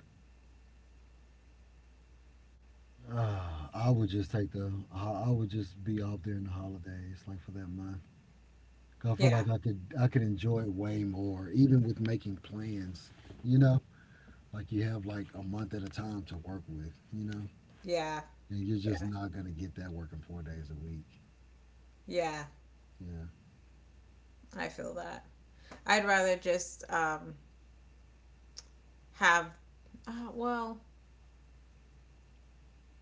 Speaker 2: I would just take the — I would just be off during the holidays, like for that month. 'Cause I feel
Speaker 1: Yeah.
Speaker 2: like I could — I could enjoy it way more, even with making plans, you know? Like you have like a month at a time to work with, you know?
Speaker 1: Yeah.
Speaker 2: And you're just
Speaker 1: Yeah.
Speaker 2: not gonna get that working 4 days a week.
Speaker 1: Yeah.
Speaker 2: Yeah.
Speaker 1: I feel that. I'd rather just have, well,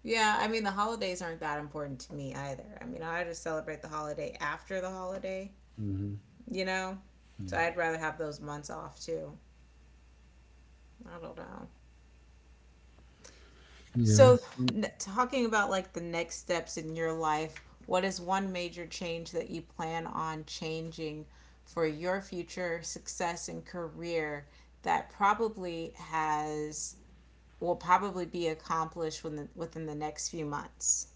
Speaker 1: yeah, I mean, the holidays aren't that important to me either. I mean, I just celebrate the holiday after the holiday,
Speaker 2: Hmm.
Speaker 1: you know? So
Speaker 2: Yeah.
Speaker 1: I'd rather have those months off too. I don't know.
Speaker 2: Yeah.
Speaker 1: So, talking about like the next steps in your life, what is one major change that you plan on changing for your future success and career that probably has will probably be accomplished within within the next few months.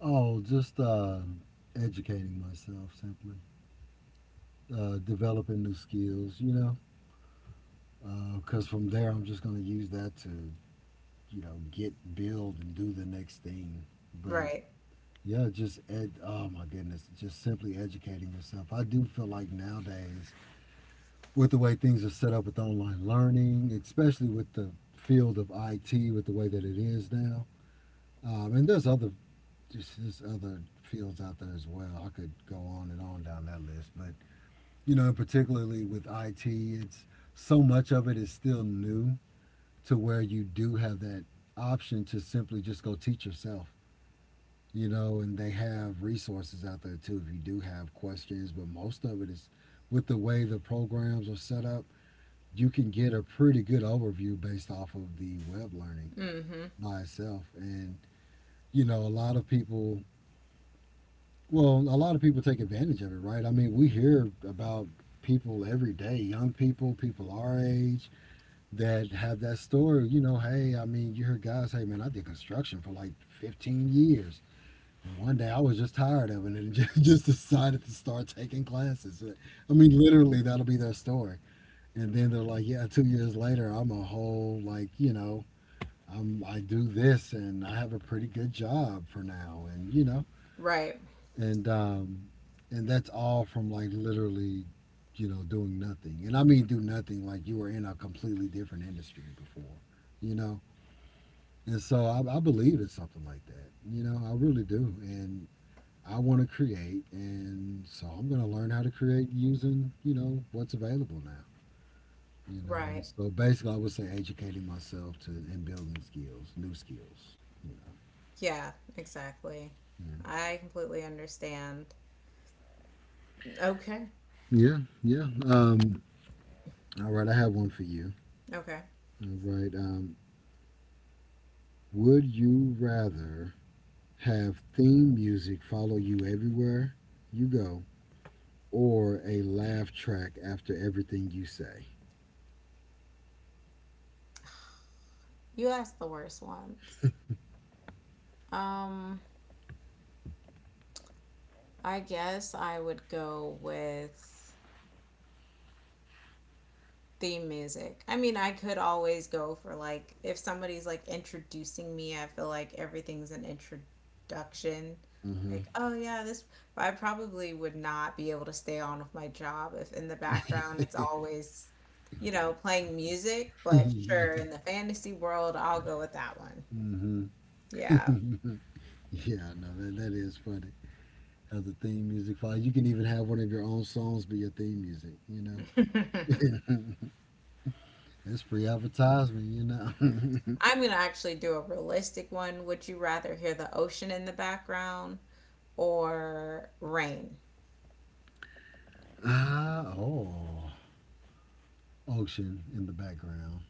Speaker 2: Oh, just Educating myself, simply, developing new skills, you know, because from there I'm just going to use that to, you know, get — build and do the next thing. But
Speaker 1: Right.
Speaker 2: yeah, just ed- — oh my goodness, just simply educating yourself. I do feel like nowadays, with the way things are set up with online learning, especially with the field of IT, with the way that it is now, and there's other — just there's other fields out there as well. I could go on and on down that list, but you know, particularly with IT, it's — so much of it is still new to where you do have that option to simply just go teach yourself. You know, and they have resources out there too if you do have questions, but most of it is — with the way the programs are set up, you can get a pretty good overview based off of the web learning
Speaker 1: Mm-hmm.
Speaker 2: by itself. And you know, a lot of people — well, a lot of people take advantage of it, right? I mean, we hear about people every day, young people, people our age, that have that story. You know, hey, I mean, you hear guys, hey, man, I did construction for like 15 years. And one day I was just tired of it, and [LAUGHS] just decided to start taking classes. I mean, literally, that'll be their story. And then they're like, yeah, 2 years later, I'm a whole, like, you know, I'm — I do this and I have a pretty good job for now. And, you know,
Speaker 1: Right.
Speaker 2: and um, and that's all from like literally, you know, doing nothing. And I mean, do nothing like you were in a completely different industry before, you know. And so I believe it's something like that, you know. I really do, and I want to create, and so I'm gonna learn how to create using, you know, what's available now. You know, and
Speaker 1: Right.
Speaker 2: so basically, I would say educating myself to — and building skills, new skills. You
Speaker 1: Yeah, exactly.
Speaker 2: know,
Speaker 1: I completely understand. Okay.
Speaker 2: yeah. Yeah, yeah. All right, I have one for you.
Speaker 1: Okay.
Speaker 2: All right. Would you rather have theme music follow you everywhere you go, or a laugh track after everything you say?
Speaker 1: You asked the worst ones. Um, I guess I would go with theme music. I mean, I could always go for like if somebody's like introducing me, I feel like everything's an introduction.
Speaker 2: Uh-huh.
Speaker 1: Like, oh yeah, this, but I probably would not be able to stay on with my job if in the background it's always, you know, playing music,
Speaker 2: [LAUGHS]
Speaker 1: but
Speaker 2: Yeah.
Speaker 1: sure, in the fantasy world, I'll go with that one.
Speaker 2: Mm-hmm.
Speaker 1: Yeah.
Speaker 2: Yeah, no, that is funny. Have the theme music follow. You can even have one of your own songs be your theme music, you know?
Speaker 1: [LAUGHS]
Speaker 2: That's free advertisement, you know? [LAUGHS]
Speaker 1: I'm going to actually do a realistic one. Would you rather hear the ocean in the background or rain?
Speaker 2: Oh. Ocean in the background.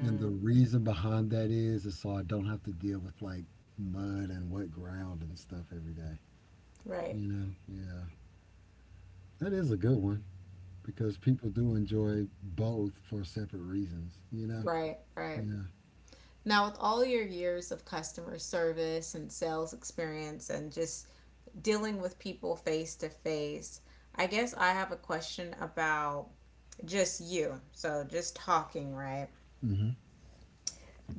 Speaker 2: And the reason behind that is so I don't have to deal with like mud and wet ground and stuff every day.
Speaker 1: Right,
Speaker 2: You know, yeah, that is a good one because people do enjoy both for separate reasons. You know,
Speaker 1: right, right.
Speaker 2: yeah.
Speaker 1: Now, with all your years of customer service and sales experience and just dealing with people face to face, I guess I have a question about just you. So, just talking, right?
Speaker 2: Hmm.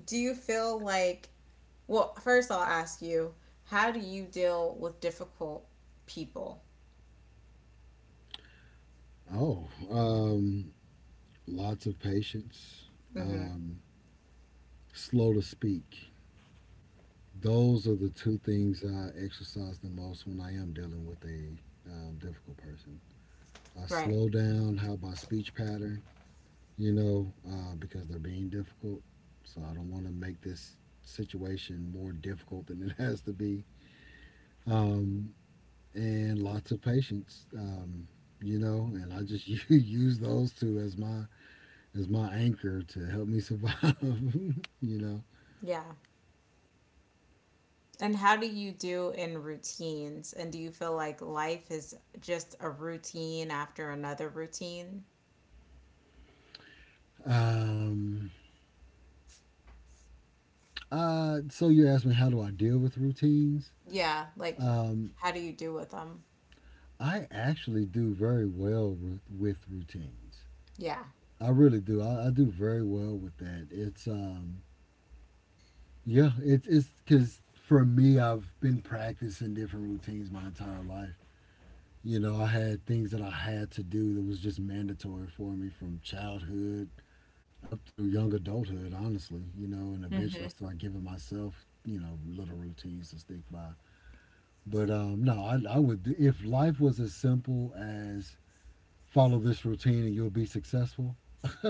Speaker 1: Do you feel like, well, first I'll ask you, how do you deal with difficult people?
Speaker 2: Oh, um, Lots of patience, um, slow to speak. Those are the two things I exercise the most when I am dealing with a difficult person. I
Speaker 1: Right.
Speaker 2: slow down how my speech pattern — you know, because they're being difficult, so I don't want to make this situation more difficult than it [LAUGHS] has to be. Um, and lots of patience, you know, and I just [LAUGHS] use those two as my — as my anchor to help me survive, [LAUGHS] you know.
Speaker 1: Yeah. And how do you do in routines? And do you feel like life is just a routine after another routine?
Speaker 2: Um, so you asked me, how do I deal with routines?
Speaker 1: Yeah, like how do you do with them?
Speaker 2: I actually do very well with, routines.
Speaker 1: Yeah,
Speaker 2: I really do. I do very well with that. It's yeah, it's because for me, I've been practicing different routines my entire life. You know, I had things that I had to do that was just mandatory for me from childhood up through young adulthood, honestly, you know, and eventually
Speaker 1: hmm
Speaker 2: I started giving myself, you know, little routines to stick by. But no, I would, do- — if life was as simple as follow this routine and you'll be successful, [LAUGHS] I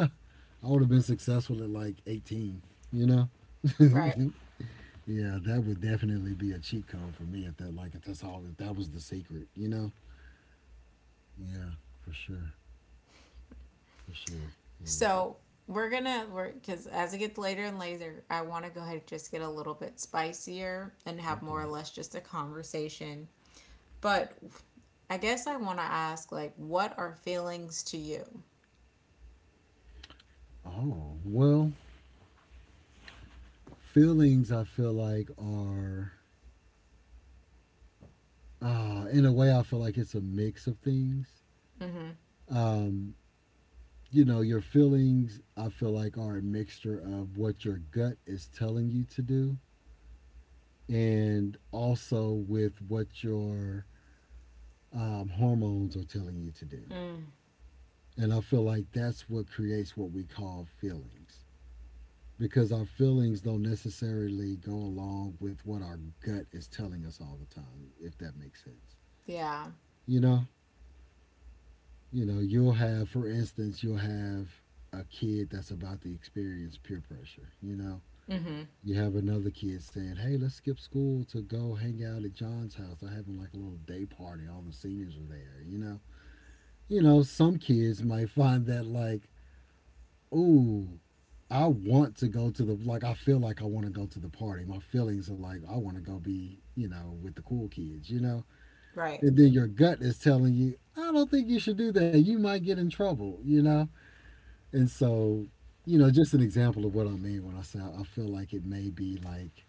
Speaker 2: would have been successful at like 18, you know?
Speaker 1: right.
Speaker 2: [LAUGHS] Yeah, that would definitely be a cheat code for me if that — like if that's all — if that was the secret, you know? Yeah, for sure. For sure. Yeah.
Speaker 1: So we're gonna work because as it gets later and later, I want to go ahead and just get a little bit spicier and have more or
Speaker 2: Okay.
Speaker 1: less just a conversation. But I guess I want to ask, like, what are feelings to you?
Speaker 2: Oh, well, feelings I feel like are in a way — I feel like it's a mix of things. Um you know, your feelings I feel like are a mixture of what your gut is telling you to do, and also with what your hormones are telling you to do.
Speaker 1: Mm,
Speaker 2: And I feel like that's what creates what we call feelings, because our feelings don't necessarily go along with what our gut is telling us all the time, if that makes sense.
Speaker 1: yeah.
Speaker 2: You know, you know, you'll have, for instance, you'll have a kid that's about to experience peer pressure. You know,
Speaker 1: Mm-hmm.
Speaker 2: you have another kid saying, "Hey, let's skip school to go hang out at John's house. They're having like a little day party. All the seniors are there." You know, some kids might [LAUGHS] find that like, "Ooh, I want to go to the — like I feel like I want to go to the party. My feelings are like I want to go be, you know, with the cool kids," you know.
Speaker 1: Right.
Speaker 2: And then your gut is telling you, I don't think you should do that. You might get in trouble, you know. And so, you know, just an example of what I mean when I say I feel like it may be like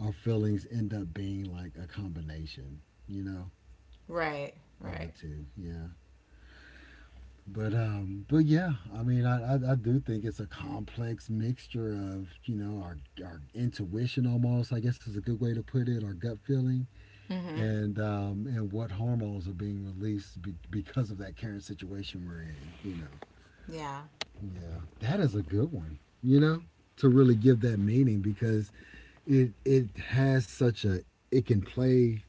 Speaker 2: our feelings end up being like a combination, you know,
Speaker 1: Right.
Speaker 2: of the
Speaker 1: Right.
Speaker 2: two. Yeah. But but yeah, I mean, I do think it's a complex mixture of, you know, our — our intuition almost, I guess is a good way to put it, our gut feeling, and and what hormones are being released be- because of that current situation we're in. You know,
Speaker 1: Yeah.
Speaker 2: yeah, that is a good one. You know, to really give that meaning, because it — it has such a — it can play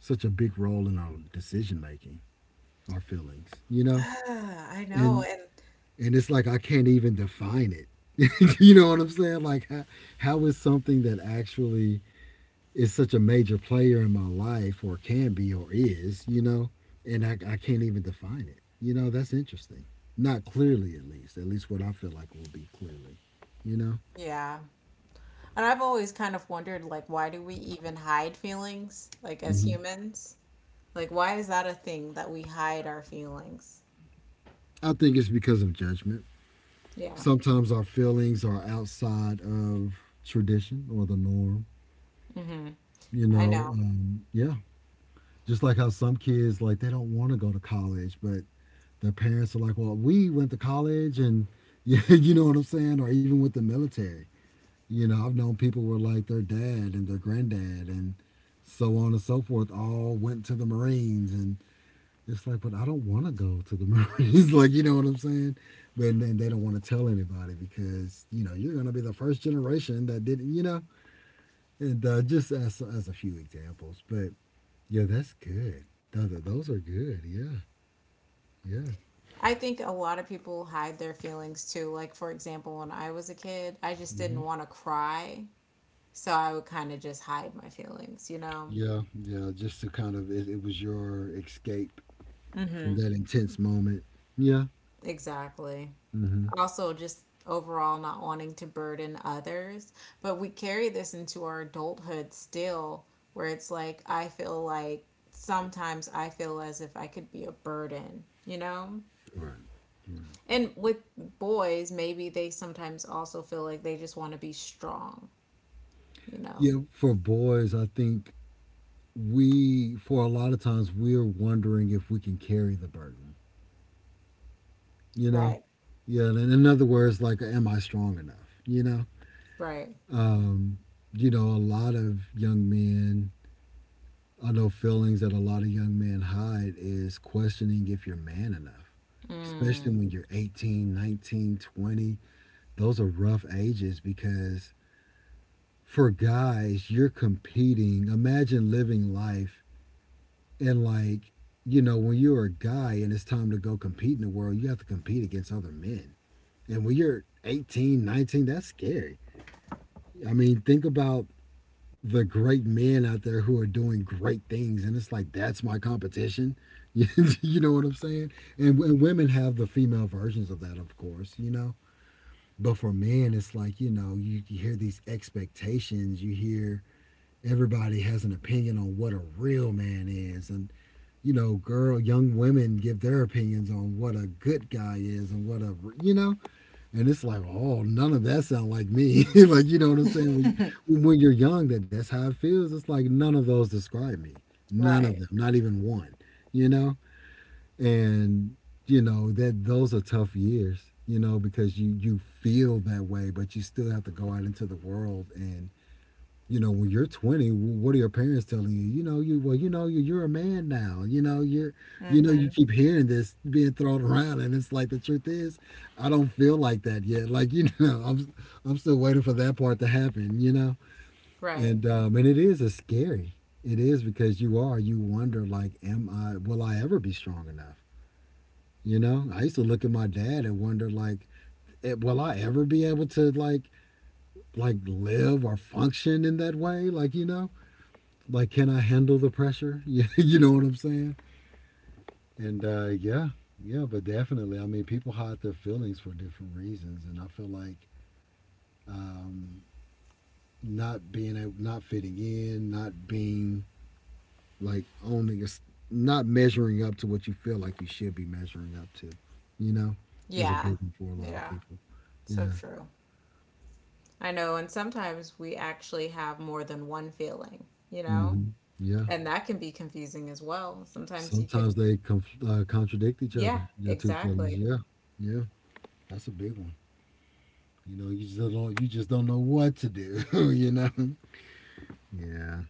Speaker 2: such a big role in our decision making, our feelings. You
Speaker 1: [SIGHS]
Speaker 2: know,
Speaker 1: Ah, I know.
Speaker 2: and —
Speaker 1: And
Speaker 2: and it's like I can't even define it. [LAUGHS] You know what I'm saying? Like, how — how is something that actually is such a major player in my life, or can be, or is, you know, and I can't even define it? You know, that's interesting. Not clearly, at least. At least what I feel like will be clearly, you know?
Speaker 1: yeah. And I've always kind of wondered, like, why do we even hide feelings, like, as
Speaker 2: Mm-hmm.
Speaker 1: humans? Like, why is that a thing that we hide our feelings?
Speaker 2: I think it's because of judgment.
Speaker 1: Yeah.
Speaker 2: Sometimes our feelings are outside of tradition or the norm,
Speaker 1: Mm-hmm.
Speaker 2: you
Speaker 1: I
Speaker 2: know?
Speaker 1: know.
Speaker 2: Yeah. Just like how some kids, like, they don't want to go to college, but their parents are like, well, we went to college and [LAUGHS] yeah, you know what I'm saying? Or even with the military. You know, I've known people were like their dad and their granddad and so on and so forth all went to the Marines, and it's like, but I don't want to go to the Marines. [LAUGHS] Like, you know what I'm saying? But then they don't want to tell anybody because, you know, you're going to be the first generation that didn't, you know? And just as — as a few examples. But yeah, that's good. Those are good. Yeah. Yeah.
Speaker 1: I think a lot of people hide their feelings too. Like, for example, when I was a kid, I just didn't
Speaker 2: Mm-hmm.
Speaker 1: want to cry. So I would kind of just hide my feelings, you know?
Speaker 2: Yeah, yeah, just to kind of — it was your escape
Speaker 1: Mm-hmm.
Speaker 2: from that intense moment. Yeah.
Speaker 1: Exactly.
Speaker 2: Hmm.
Speaker 1: Also just overall not wanting to burden others. But we carry this into our adulthood still, where it's like, I feel like sometimes I feel as if I could be a burden, you know?
Speaker 2: Right.
Speaker 1: And with boys, maybe they sometimes also feel like they just want to be strong, you know?
Speaker 2: Yeah, for boys, I think we for a lot of times we're wondering if we can carry the burden. You know?
Speaker 1: Right.
Speaker 2: Yeah, and in other words, like am I strong enough? You know?
Speaker 1: Right.
Speaker 2: Um, a lot of young men I know feelings that a lot of young men hide is questioning if you're man enough, especially when you're 18, 19, 20. Those are rough ages because for guys, you're competing. Imagine living life and like, when you're a guy and it's time to go compete in the world, you have to compete against other men. And when you're 18, 19, that's scary. I mean, think about the great men out there who are doing great things, and it's like that's my competition. [LAUGHS] You know what I'm saying? And women have the female versions of that, of course. But for men, it's like, you hear these expectations, you hear everybody has an opinion on what a real man is. And girl, young women give their opinions on what a good guy is and what a, you know, and it's like, oh, none of that sound like me. [LAUGHS] Like, you know what I'm saying? When you're young, that's how it feels. It's like none of those describe me. None of
Speaker 1: Right.
Speaker 2: them, not even one, you know? And that those are tough years, because you feel that way, but you still have to go out into the world. And when you're 20, what are your parents telling you? You know you well you know you you're a man now, you're, you
Speaker 1: Mm-hmm.
Speaker 2: keep hearing this being thrown around, and it's like the truth is I don't feel like that yet. [LAUGHS] Like, I'm still waiting for that part to happen,
Speaker 1: Right.
Speaker 2: and it is, because you wonder like am I will I ever be strong enough? You know, I used to look at my dad and wonder, like, will I ever be able to like live or function in that way? Like, like can I handle the pressure? [LAUGHS] Yeah, you know what I'm saying? And yeah, yeah, but definitely. I mean, people hide their feelings for different reasons, and I feel like um, not being able, not fitting in, not being like owning, a, not measuring up to what you feel like you should be measuring up to, you know, is a
Speaker 1: Yeah,
Speaker 2: big one for a lot of people.
Speaker 1: so
Speaker 2: Yeah.
Speaker 1: true. I know, and sometimes we actually have more than one feeling, you know?
Speaker 2: Hmm. Yeah.
Speaker 1: And that can be confusing as well. Sometimes you could,
Speaker 2: Sometimes they contradict each
Speaker 1: yeah,
Speaker 2: other. Your two feelings.
Speaker 1: exactly.
Speaker 2: Yeah. Yeah. That's a big one. You know, you just don't know what to do. [LAUGHS] You know. Yeah.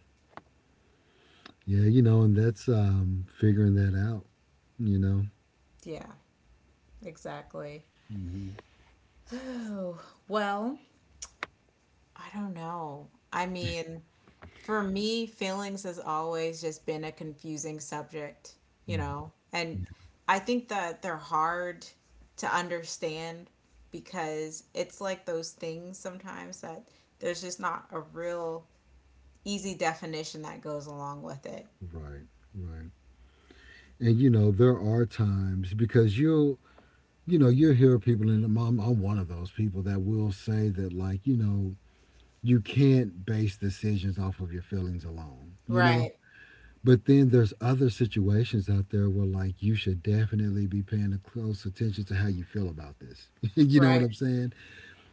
Speaker 2: Yeah. You know, and that's, figuring that out. You know.
Speaker 1: Yeah, exactly.
Speaker 2: Hmm.
Speaker 1: Oh, well, I don't know. I mean, for me, feelings has always just been a confusing subject, you
Speaker 2: Hmm.
Speaker 1: know? And I think that they're hard to understand because it's like those things sometimes that there's just not a real easy definition that goes along with it.
Speaker 2: Right. Right. And you know, there are times because you'll you know you'll hear people, and I'm one of those people that will say that, like, you can't base decisions off of your feelings alone.
Speaker 1: Right,
Speaker 2: But then there's other situations out there where like you should definitely be paying a close attention to how you feel about this. [LAUGHS] You know what
Speaker 1: right,
Speaker 2: I'm saying?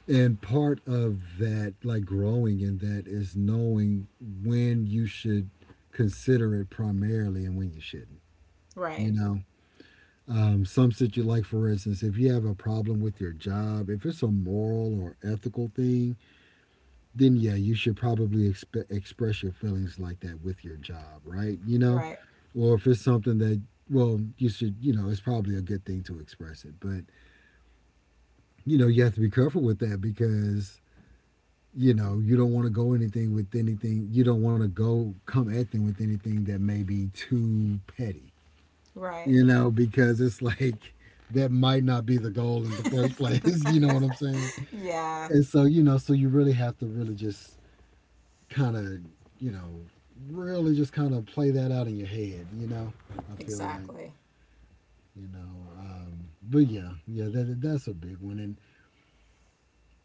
Speaker 2: And part of that, like growing in that is knowing when you should consider it primarily and when you shouldn't, you
Speaker 1: right,
Speaker 2: know? Some situ like for instance, if you have a problem with your job, if it's a moral or ethical thing, then yeah, you should probably express your feelings like that with your job, right? You know,
Speaker 1: right.
Speaker 2: or if it's something that, well, you should, it's probably a good thing to express it. But, you have to be careful with that because, you don't want to go anything with anything. You don't want to go come at them with anything that may be too petty,
Speaker 1: Right.
Speaker 2: you know, because it's like that might not be the goal in the first place. [LAUGHS] You know what I'm saying?
Speaker 1: Yeah,
Speaker 2: And so, so you really have to really just kind of, you know, really just kind of play that out in your head, you know, I feel like.
Speaker 1: exactly.
Speaker 2: But yeah, yeah, that's a big one. And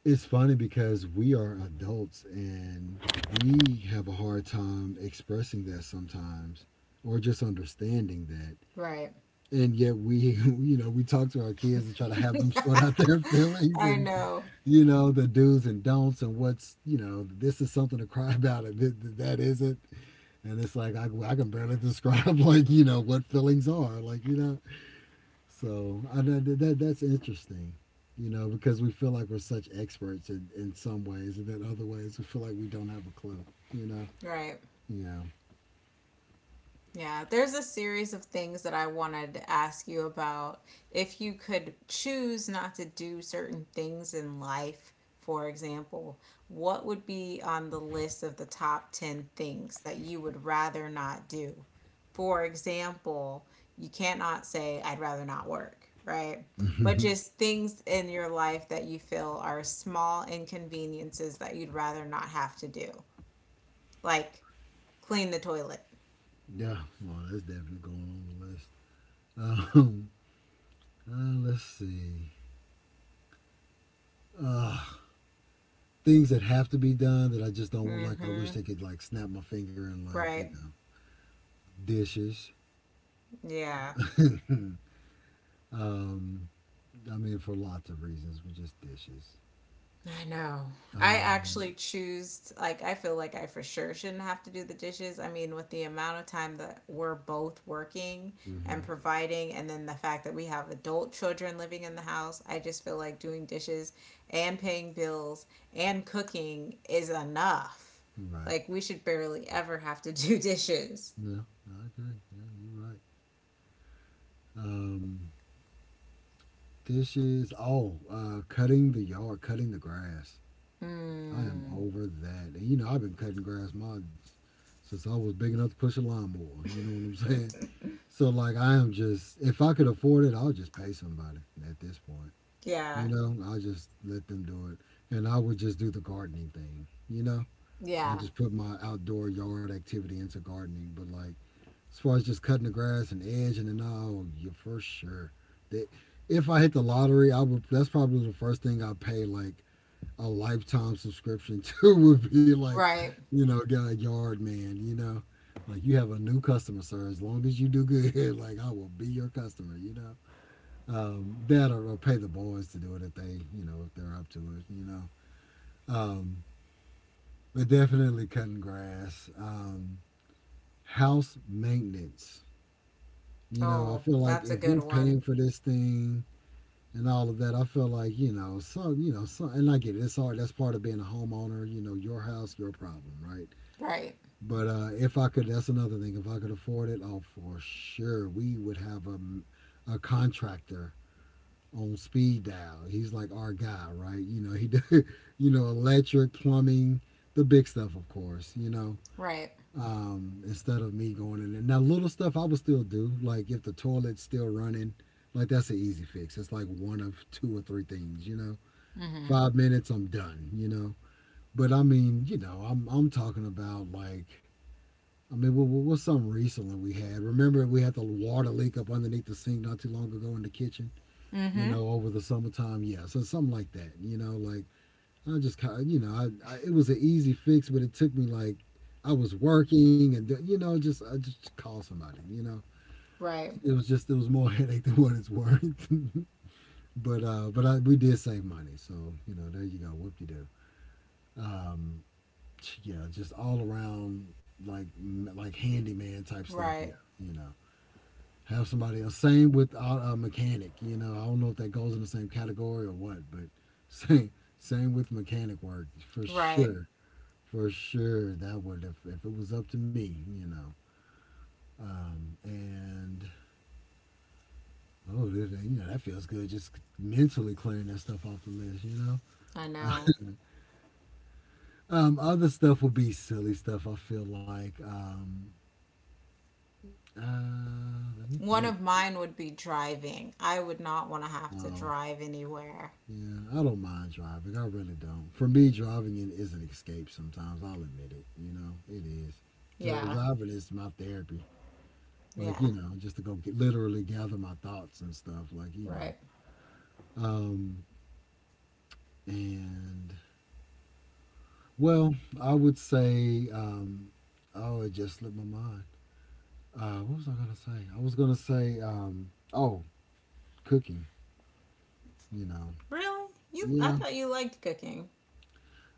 Speaker 2: it's funny because we are adults and we have a hard time expressing that sometimes, or just understanding that,
Speaker 1: Right.
Speaker 2: and yet we [LAUGHS] we talk to our kids and try to have them sort out their [LAUGHS] feelings
Speaker 1: I
Speaker 2: and
Speaker 1: know.
Speaker 2: the do's and don'ts and what's you know this is something to cry [LAUGHS] about, and that isn't. And it's like I can barely [LAUGHS] describe like what feelings are like. So that's interesting, you know, because we feel like we're such experts in some ways, and then other ways we feel like we don't have a clue, you know.
Speaker 1: Right.
Speaker 2: Yeah,
Speaker 1: Yeah, there's a series of things that I wanted to ask you about. If you could choose not to do certain things in life, for example, what would be on the list of the top 10 things that you would rather not do? For example, you cannot say, I'd rather not work, right? But
Speaker 2: [LAUGHS]
Speaker 1: just things in your life that you feel are small inconveniences that you'd rather not have to do, like clean the toilet.
Speaker 2: yeah. Well, that's definitely going on the list. Let's see. Uh, things that have to be done that I just don't want. Like I wish
Speaker 1: Mm-hmm.
Speaker 2: they could like snap my finger and like
Speaker 1: Right.
Speaker 2: dishes.
Speaker 1: Yeah.
Speaker 2: [CLEARS THROAT] [LAUGHS] um, I mean for lots of reasons, but just dishes.
Speaker 1: I know. I
Speaker 2: Uh,
Speaker 1: actually choose, like, I feel like I for sure shouldn't have to do the dishes. I mean, with the amount of time that we're both working and
Speaker 2: mhm.
Speaker 1: providing, and then the fact that we have adult children living in the house, I just feel like doing dishes and paying bills and cooking is enough.
Speaker 2: Right.
Speaker 1: Like, we should barely ever have to do [LAUGHS] dishes.
Speaker 2: Yeah, I agree. Yeah, you're right. Um, dishes. Oh, cutting the yard, cutting the grass. I am
Speaker 1: Mm.
Speaker 2: over that. And, you know, I've been cutting grass my since I was big enough to push a lawnmower. You know what I'm [LAUGHS] saying? So like, I am just if I could afford it, I'll just pay somebody at this point. You
Speaker 1: Yeah.
Speaker 2: know, I just let them do it, and I would just do the gardening thing. You know, I
Speaker 1: Yeah.
Speaker 2: just put my outdoor yard activity into gardening. But like, as far as just cutting the grass and edging and all, you for sure. That, if I hit the lottery, I would. That's probably the first thing I pay, like a lifetime subscription [LAUGHS] to, would be like,
Speaker 1: Right.
Speaker 2: you know, get a yard man. You know, like you have a new customer, sir. As long as you do good, [LAUGHS] like I will be your customer. You know, that or pay the boys to do it if they, you know, if they're up to it. You know, um, but definitely cutting grass, house maintenance. You know, I
Speaker 1: Oh,
Speaker 2: feel like
Speaker 1: that's a
Speaker 2: if
Speaker 1: good
Speaker 2: we're
Speaker 1: one.
Speaker 2: paying for this thing and all of that, I feel like, you know, and I get it. It's hard. That's part of being a homeowner. You know, your house, your problem, right?
Speaker 1: Right.
Speaker 2: But if I could, that's another thing. If I could afford it, oh, for sure, we would have a contractor on speed dial. He's like our guy, right? You know, he, [LAUGHS] do, you know, electric, plumbing, the big stuff, of course.
Speaker 1: Right.
Speaker 2: Instead of me going in there. Now, little stuff I would still do, like if the toilet's still running, like that's an easy fix. It's like one of two or three things,
Speaker 1: Mm-hmm.
Speaker 2: 5 minutes, I'm done, But I mean, I'm talking about like, I mean, what's something recently we had? Remember we had the water leak up underneath the sink not too long ago in the kitchen,
Speaker 1: Mm-hmm.
Speaker 2: over the summertime. Yeah, so something like that, you know, like I just kind of, I it was an easy fix, but it took me like I was working, and just I just called somebody. You know,
Speaker 1: Right.
Speaker 2: it was more [LAUGHS] headache than what it's worth. [LAUGHS] But but we did save money, so there you go, whoop de doo. Um, yeah, just all around like handyman type stuff. Yeah,
Speaker 1: Right.
Speaker 2: you know, have somebody else. Same with a mechanic. You know, I don't know if that goes in the same category or what, but [LAUGHS] same same with mechanic work for
Speaker 1: Right.
Speaker 2: sure. For sure that would, if it was up to me. And oh, you know that feels good, just mentally clearing that stuff off the list.
Speaker 1: I know.
Speaker 2: [LAUGHS] Other stuff would be silly stuff I feel like. Let me
Speaker 1: One
Speaker 2: think.
Speaker 1: of mine would be driving. I would not want to have to
Speaker 2: um,
Speaker 1: drive anywhere.
Speaker 2: yeah, I don't mind driving, I really don't. For me driving in is an escape sometimes, I'll admit it. It is. Dri-
Speaker 1: Yeah.
Speaker 2: driving is my therapy, like,
Speaker 1: Yeah.
Speaker 2: just to go get, literally gather my thoughts and stuff, like.
Speaker 1: Right.
Speaker 2: Um, and, well, I would say, oh, it just slipped my mind. What was I gonna say? I was gonna say, oh, cooking. You know,
Speaker 1: Really? You, I
Speaker 2: yeah,
Speaker 1: thought you liked cooking.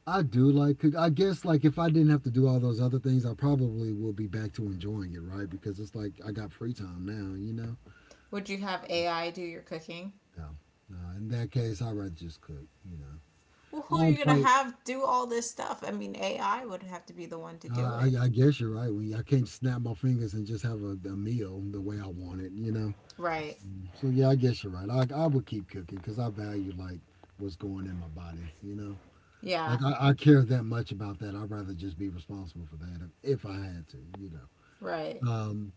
Speaker 2: I do like cook. I guess like if I didn't have to do all those other things, I probably would be back to enjoying it, right? Because it's like I got free time now. You know,
Speaker 1: Would you have AI do your cooking?
Speaker 2: no, no. In that case, I'd rather just cook. You know,
Speaker 1: Well,
Speaker 2: I
Speaker 1: who are you
Speaker 2: don't
Speaker 1: going to
Speaker 2: play.
Speaker 1: have do all this stuff? I mean, AI would have to be the one to
Speaker 2: Uh,
Speaker 1: do
Speaker 2: I,
Speaker 1: it.
Speaker 2: I guess you're right. When I can't snap my fingers and just have a meal the way I want it, you know.
Speaker 1: Right.
Speaker 2: So yeah, I guess you're right. I would keep cooking because I value like what's going in my body. You know,
Speaker 1: Yeah.
Speaker 2: like I care that much about that. I'd rather just be responsible for that if I had to. You know.
Speaker 1: Right.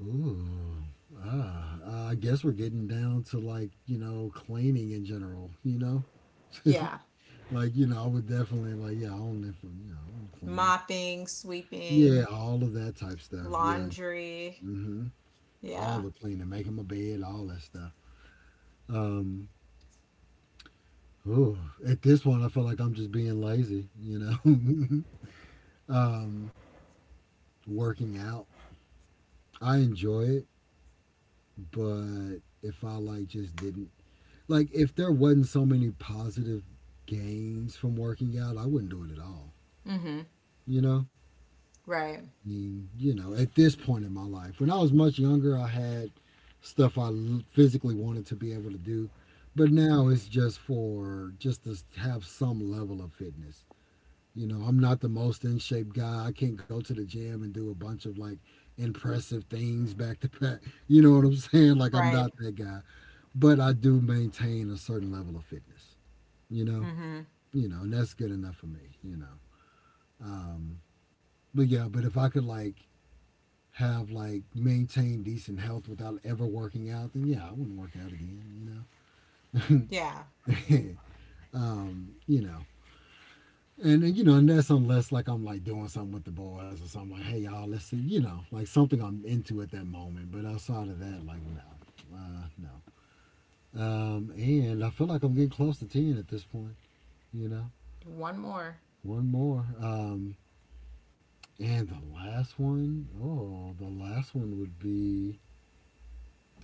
Speaker 2: Ooh. Ah. I guess we're getting down to like you know cleaning in general. You know.
Speaker 1: Yeah.
Speaker 2: [LAUGHS] like you know, I would definitely like yeah, I own it for you know, I'm clean.
Speaker 1: Mopping,
Speaker 2: Yeah,
Speaker 1: sweeping,
Speaker 2: all of that type stuff. Yeah,
Speaker 1: laundry.
Speaker 2: hmm, all
Speaker 1: Yeah.
Speaker 2: the cleaning, making my bed, all that stuff. Um, Ooh, at this point, I feel like I'm just being lazy, you know, [LAUGHS] um, working out. I enjoy it, but if I like just didn't, like, if there wasn't so many positive gains from working out, I wouldn't do it at all,
Speaker 1: Mm-hmm.
Speaker 2: you know?
Speaker 1: Right.
Speaker 2: I mean, you know, at this point in my life, when I was much younger, I had physically wanted to be able to do, but now it's just for just to have some level of fitness. You know, I'm not the most in shape guy. I can't go to the gym and do a bunch of like impressive things back to back. You know what I'm [LAUGHS] saying? Like I'm not
Speaker 1: Right.
Speaker 2: that guy, but I do maintain a certain level of fitness. You know,
Speaker 1: Mm-hmm.
Speaker 2: and that's good enough for me. Um, but yeah, but if I could like have like maintain decent health without ever working out, then yeah, I wouldn't work out again. You
Speaker 1: Yeah.
Speaker 2: know, [LAUGHS] um, you know, and you know, and that's unless like I'm like doing something with the boys or something like, hey y'all, let's see, you know, like something I'm into at that moment. But outside of that, like no, no. And I feel like I'm getting close to ten at this point. You know,
Speaker 1: One more.
Speaker 2: one more. And the last one, oh, the last one would be,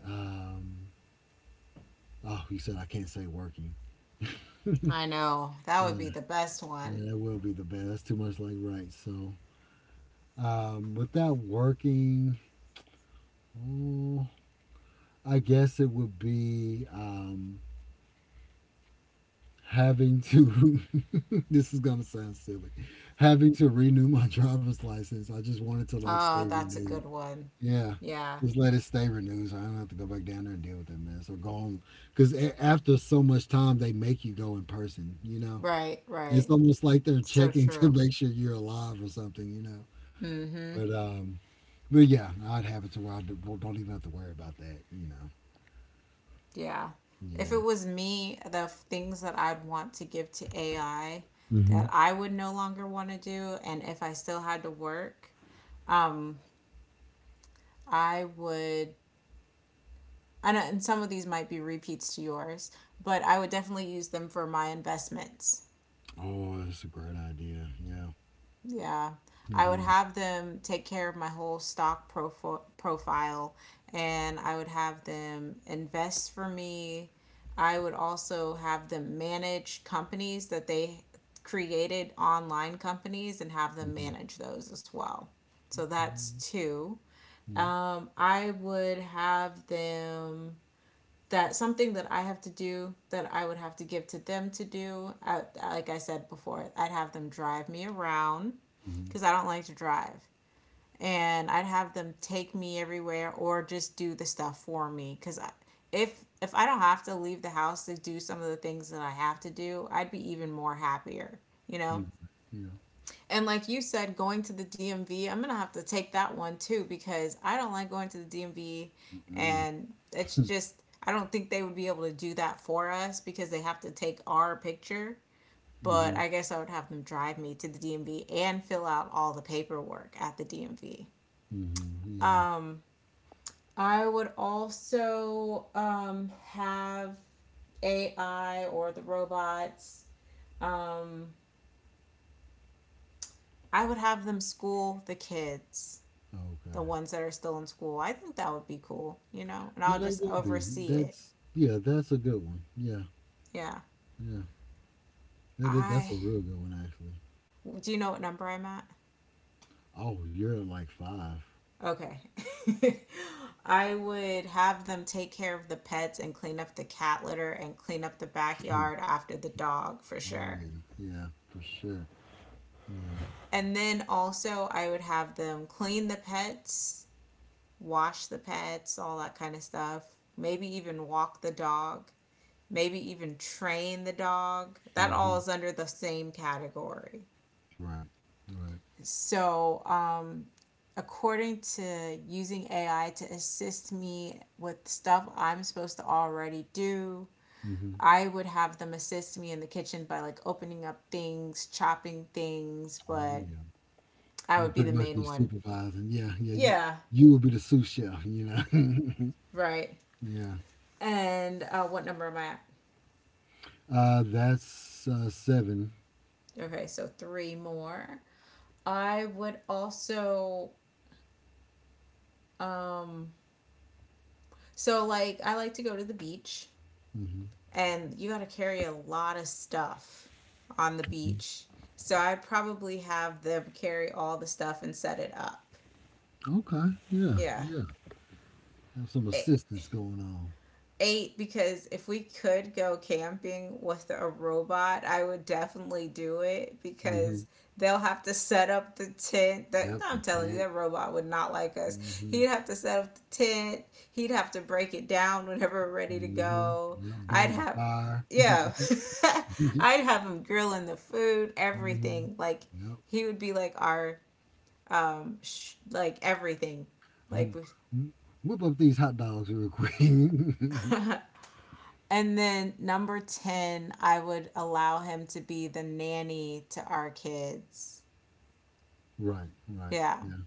Speaker 2: um, oh, you said I can't say working.
Speaker 1: I know. That would
Speaker 2: Yeah,
Speaker 1: be the best
Speaker 2: yeah,
Speaker 1: one.
Speaker 2: that will be the best. That's too much like right. So, without working, oh, I guess it would be having to. [LAUGHS] this is gonna sound silly. Having to renew my [LAUGHS] driver's license. I just wanted to like
Speaker 1: Oh,
Speaker 2: stay
Speaker 1: that's a good
Speaker 2: renewed.
Speaker 1: one.
Speaker 2: Yeah,
Speaker 1: Yeah.
Speaker 2: just let it stay renewed, so I don't have to go back down there and deal with that mess or go on. Because after so much time, they make you go in person. You know,
Speaker 1: Right,
Speaker 2: it's
Speaker 1: right.
Speaker 2: almost like they're
Speaker 1: So
Speaker 2: checking [LAUGHS] to
Speaker 1: true.
Speaker 2: make sure you're alive or something.
Speaker 1: Mm-hmm.
Speaker 2: But um, but yeah, I'd have it to where well, don't even have to worry about that. You
Speaker 1: Yeah. If it
Speaker 2: know,
Speaker 1: was me, the things that I'd want to give to AI that
Speaker 2: yeah.
Speaker 1: I would no longer want to do, and if I still had to work, um, I would. And some of these might be repeats to yours, but I would definitely use them for my investments.
Speaker 2: Oh, that's a great idea. Yeah,
Speaker 1: Yeah. I
Speaker 2: it
Speaker 1: would
Speaker 2: is.
Speaker 1: have them take care of my whole stock profile and I would have them invest for me. I would also have them manage companies that they created online companies and have them
Speaker 2: Mhm.
Speaker 1: manage those as well. So that's
Speaker 2: Mm,
Speaker 1: two.
Speaker 2: yeah.
Speaker 1: I would have them, that something that I have to do that I would have to give to them to do. I, like I said before, I'd have them drive me around
Speaker 2: Mm-hmm.
Speaker 1: because I don't like to drive. And I'd have them take me everywhere or just do the stuff for me because if I don't have to leave the house to do some of the things that I have to do, I'd be even more happier, you know?
Speaker 2: Yeah. Yeah.
Speaker 1: And like you said, going to the DMV, I'm gonna have to take that one too because I don't like going to the DMV,
Speaker 2: Mm-mm.
Speaker 1: and it's just I don't think they would be able to do that for us because they have to take our picture. But
Speaker 2: Mm-hmm.
Speaker 1: I guess I would have them drive me to the DMV and fill out all the paperwork at the DMV.
Speaker 2: Mm-hmm. Yeah.
Speaker 1: I would also have AI or the robots. Um, I would have them school the kids, the
Speaker 2: Okay.
Speaker 1: ones that are still in school. I think that would be cool, you know, and I'll
Speaker 2: Yeah,
Speaker 1: just
Speaker 2: that would be.
Speaker 1: oversee it.
Speaker 2: That's yeah. That's a good one. Yeah.
Speaker 1: Yeah.
Speaker 2: Yeah. That is,
Speaker 1: I
Speaker 2: that's a real good one actually.
Speaker 1: Do you know what number I'm at?
Speaker 2: Oh, you're at like five. [CLEARS THROAT]
Speaker 1: Okay. [LAUGHS] I would have them take care of the pets and clean up the cat litter and clean up the
Speaker 2: [LAUGHS]
Speaker 1: backyard after the dog for
Speaker 2: oh
Speaker 1: sure.
Speaker 2: yeah. Yeah. For sure. Yeah.
Speaker 1: And then also, I would have them clean the pets, wash the pets, all that kind of stuff. Maybe even walk the dog, maybe even train the dog. That
Speaker 2: Mm-hmm.
Speaker 1: all is under the same category.
Speaker 2: Right. Right.
Speaker 1: So, according to using AI to assist me with stuff I'm supposed to already do,
Speaker 2: Mm-hmm.
Speaker 1: I would have them assist me in the kitchen by like opening up things, chopping things,
Speaker 2: Oh
Speaker 1: but
Speaker 2: yeah.
Speaker 1: I
Speaker 2: You
Speaker 1: would
Speaker 2: would
Speaker 1: be
Speaker 2: pretty
Speaker 1: the
Speaker 2: much be
Speaker 1: main one.
Speaker 2: supervising. Yeah. Yeah. You
Speaker 1: Yeah,
Speaker 2: you would be the sous chef. You know.
Speaker 1: right.
Speaker 2: [LAUGHS] yeah.
Speaker 1: And what number am I at?
Speaker 2: That's 7.
Speaker 1: Okay, so three more. I would also um like I like to go to the beach
Speaker 2: Mm-hmm.
Speaker 1: and you got to carry a lot of stuff on the beach. So I probably have them carry all the stuff and set it up.
Speaker 2: Okay. Yeah.
Speaker 1: Yeah.
Speaker 2: Yeah. Have some
Speaker 1: It,
Speaker 2: assistance going on.
Speaker 1: Eight, because if we could go camping with a robot, I would definitely do it
Speaker 2: Mm-hmm.
Speaker 1: because they'll have to set up the tent. That,
Speaker 2: Yep.
Speaker 1: no,
Speaker 2: The
Speaker 1: I'm telling you,
Speaker 2: tent.
Speaker 1: that robot would not like us.
Speaker 2: Mm-hmm.
Speaker 1: He'd have to set up the tent. He'd have to break it down whenever we're ready to
Speaker 2: Mm-hmm.
Speaker 1: go.
Speaker 2: Yep.
Speaker 1: I'd
Speaker 2: Build the
Speaker 1: have,
Speaker 2: fire.
Speaker 1: yeah. [LAUGHS]
Speaker 2: [LAUGHS] mm-hmm.
Speaker 1: I'd have him grilling the food, everything. Like
Speaker 2: Yep.
Speaker 1: he would be like our like everything
Speaker 2: Mhm.
Speaker 1: like we
Speaker 2: Mm. Whip up these hot dogs real quick. [LAUGHS]
Speaker 1: [LAUGHS] And then number 10, I would allow him to be the nanny to our kids.
Speaker 2: right. Right.
Speaker 1: Yeah.
Speaker 2: Yeah.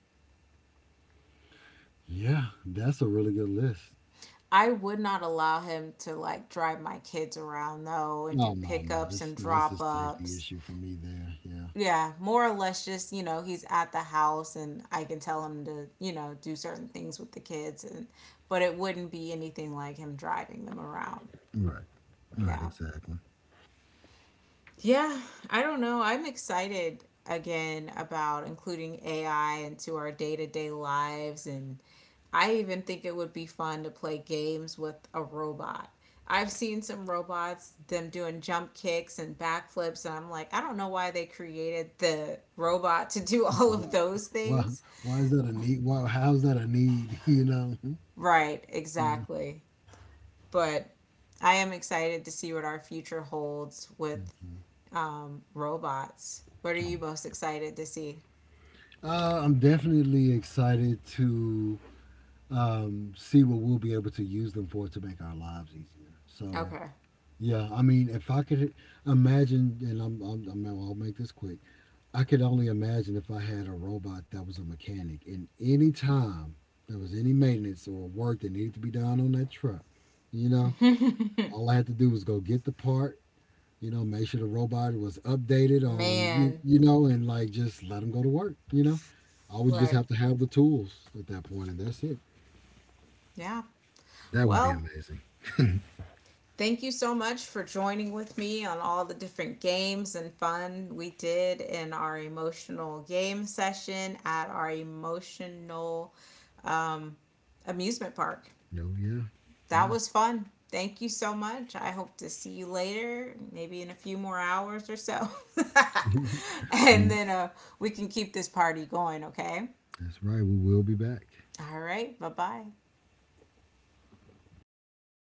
Speaker 2: Yeah. That's a really good list.
Speaker 1: I would not allow him to like drive my kids around though and do
Speaker 2: No, no, no.
Speaker 1: pickups
Speaker 2: It's
Speaker 1: and
Speaker 2: no, it's
Speaker 1: drop
Speaker 2: a safety
Speaker 1: ups.
Speaker 2: issue for me there. Yeah.
Speaker 1: Yeah, more or less just, you know, he's at the house and I can tell him to, you know, do certain things with the kids, and but it wouldn't be anything like him driving them around.
Speaker 2: Right. Right.
Speaker 1: Yeah.
Speaker 2: Exactly.
Speaker 1: Yeah, I don't know. I'm excited again about including AI into our day to day lives. And I even think it would be fun to play games with a robot. I've seen some robots, them doing jump kicks and backflips. And I'm like, I don't know why they created the robot to do [LAUGHS]
Speaker 2: Yeah,
Speaker 1: all of those
Speaker 2: why,
Speaker 1: things.
Speaker 2: why is that a need? Why, how's that a need? [LAUGHS] You know.
Speaker 1: Right,
Speaker 2: Yeah.
Speaker 1: exactly. But I am excited to see what our future holds with robots. What are
Speaker 2: Oh,
Speaker 1: you most excited to see?
Speaker 2: yeah. I'm definitely excited to see what we'll be able to use them for to make our lives easier. So
Speaker 1: Okay.
Speaker 2: yeah, I mean, if I could imagine, and I'll make this quick. I could only imagine if I had a robot that was a mechanic, and any time there was any maintenance or work that needed to be done on that truck, you know, all
Speaker 1: [LAUGHS]
Speaker 2: I had to do was go get the part, you know, make sure the robot was updated on,
Speaker 1: Man.
Speaker 2: you know, and like just let them go to work, you know. I would just
Speaker 1: Right.
Speaker 2: have to have the tools at that point, and that's it.
Speaker 1: Yeah.
Speaker 2: That would be
Speaker 1: Well,
Speaker 2: amazing.
Speaker 1: thank you so much for joining with me on all the different games and fun we did in our emotional game session at our emotional amusement park.
Speaker 2: No, yeah,
Speaker 1: That
Speaker 2: yeah.
Speaker 1: was fun. Thank you so much. I hope to see you later, maybe in a few more hours or so. [LAUGHS] and then
Speaker 2: [LAUGHS]
Speaker 1: uh, we can keep this party going, okay?
Speaker 2: That's right. We will be back.
Speaker 1: All right. Bye bye.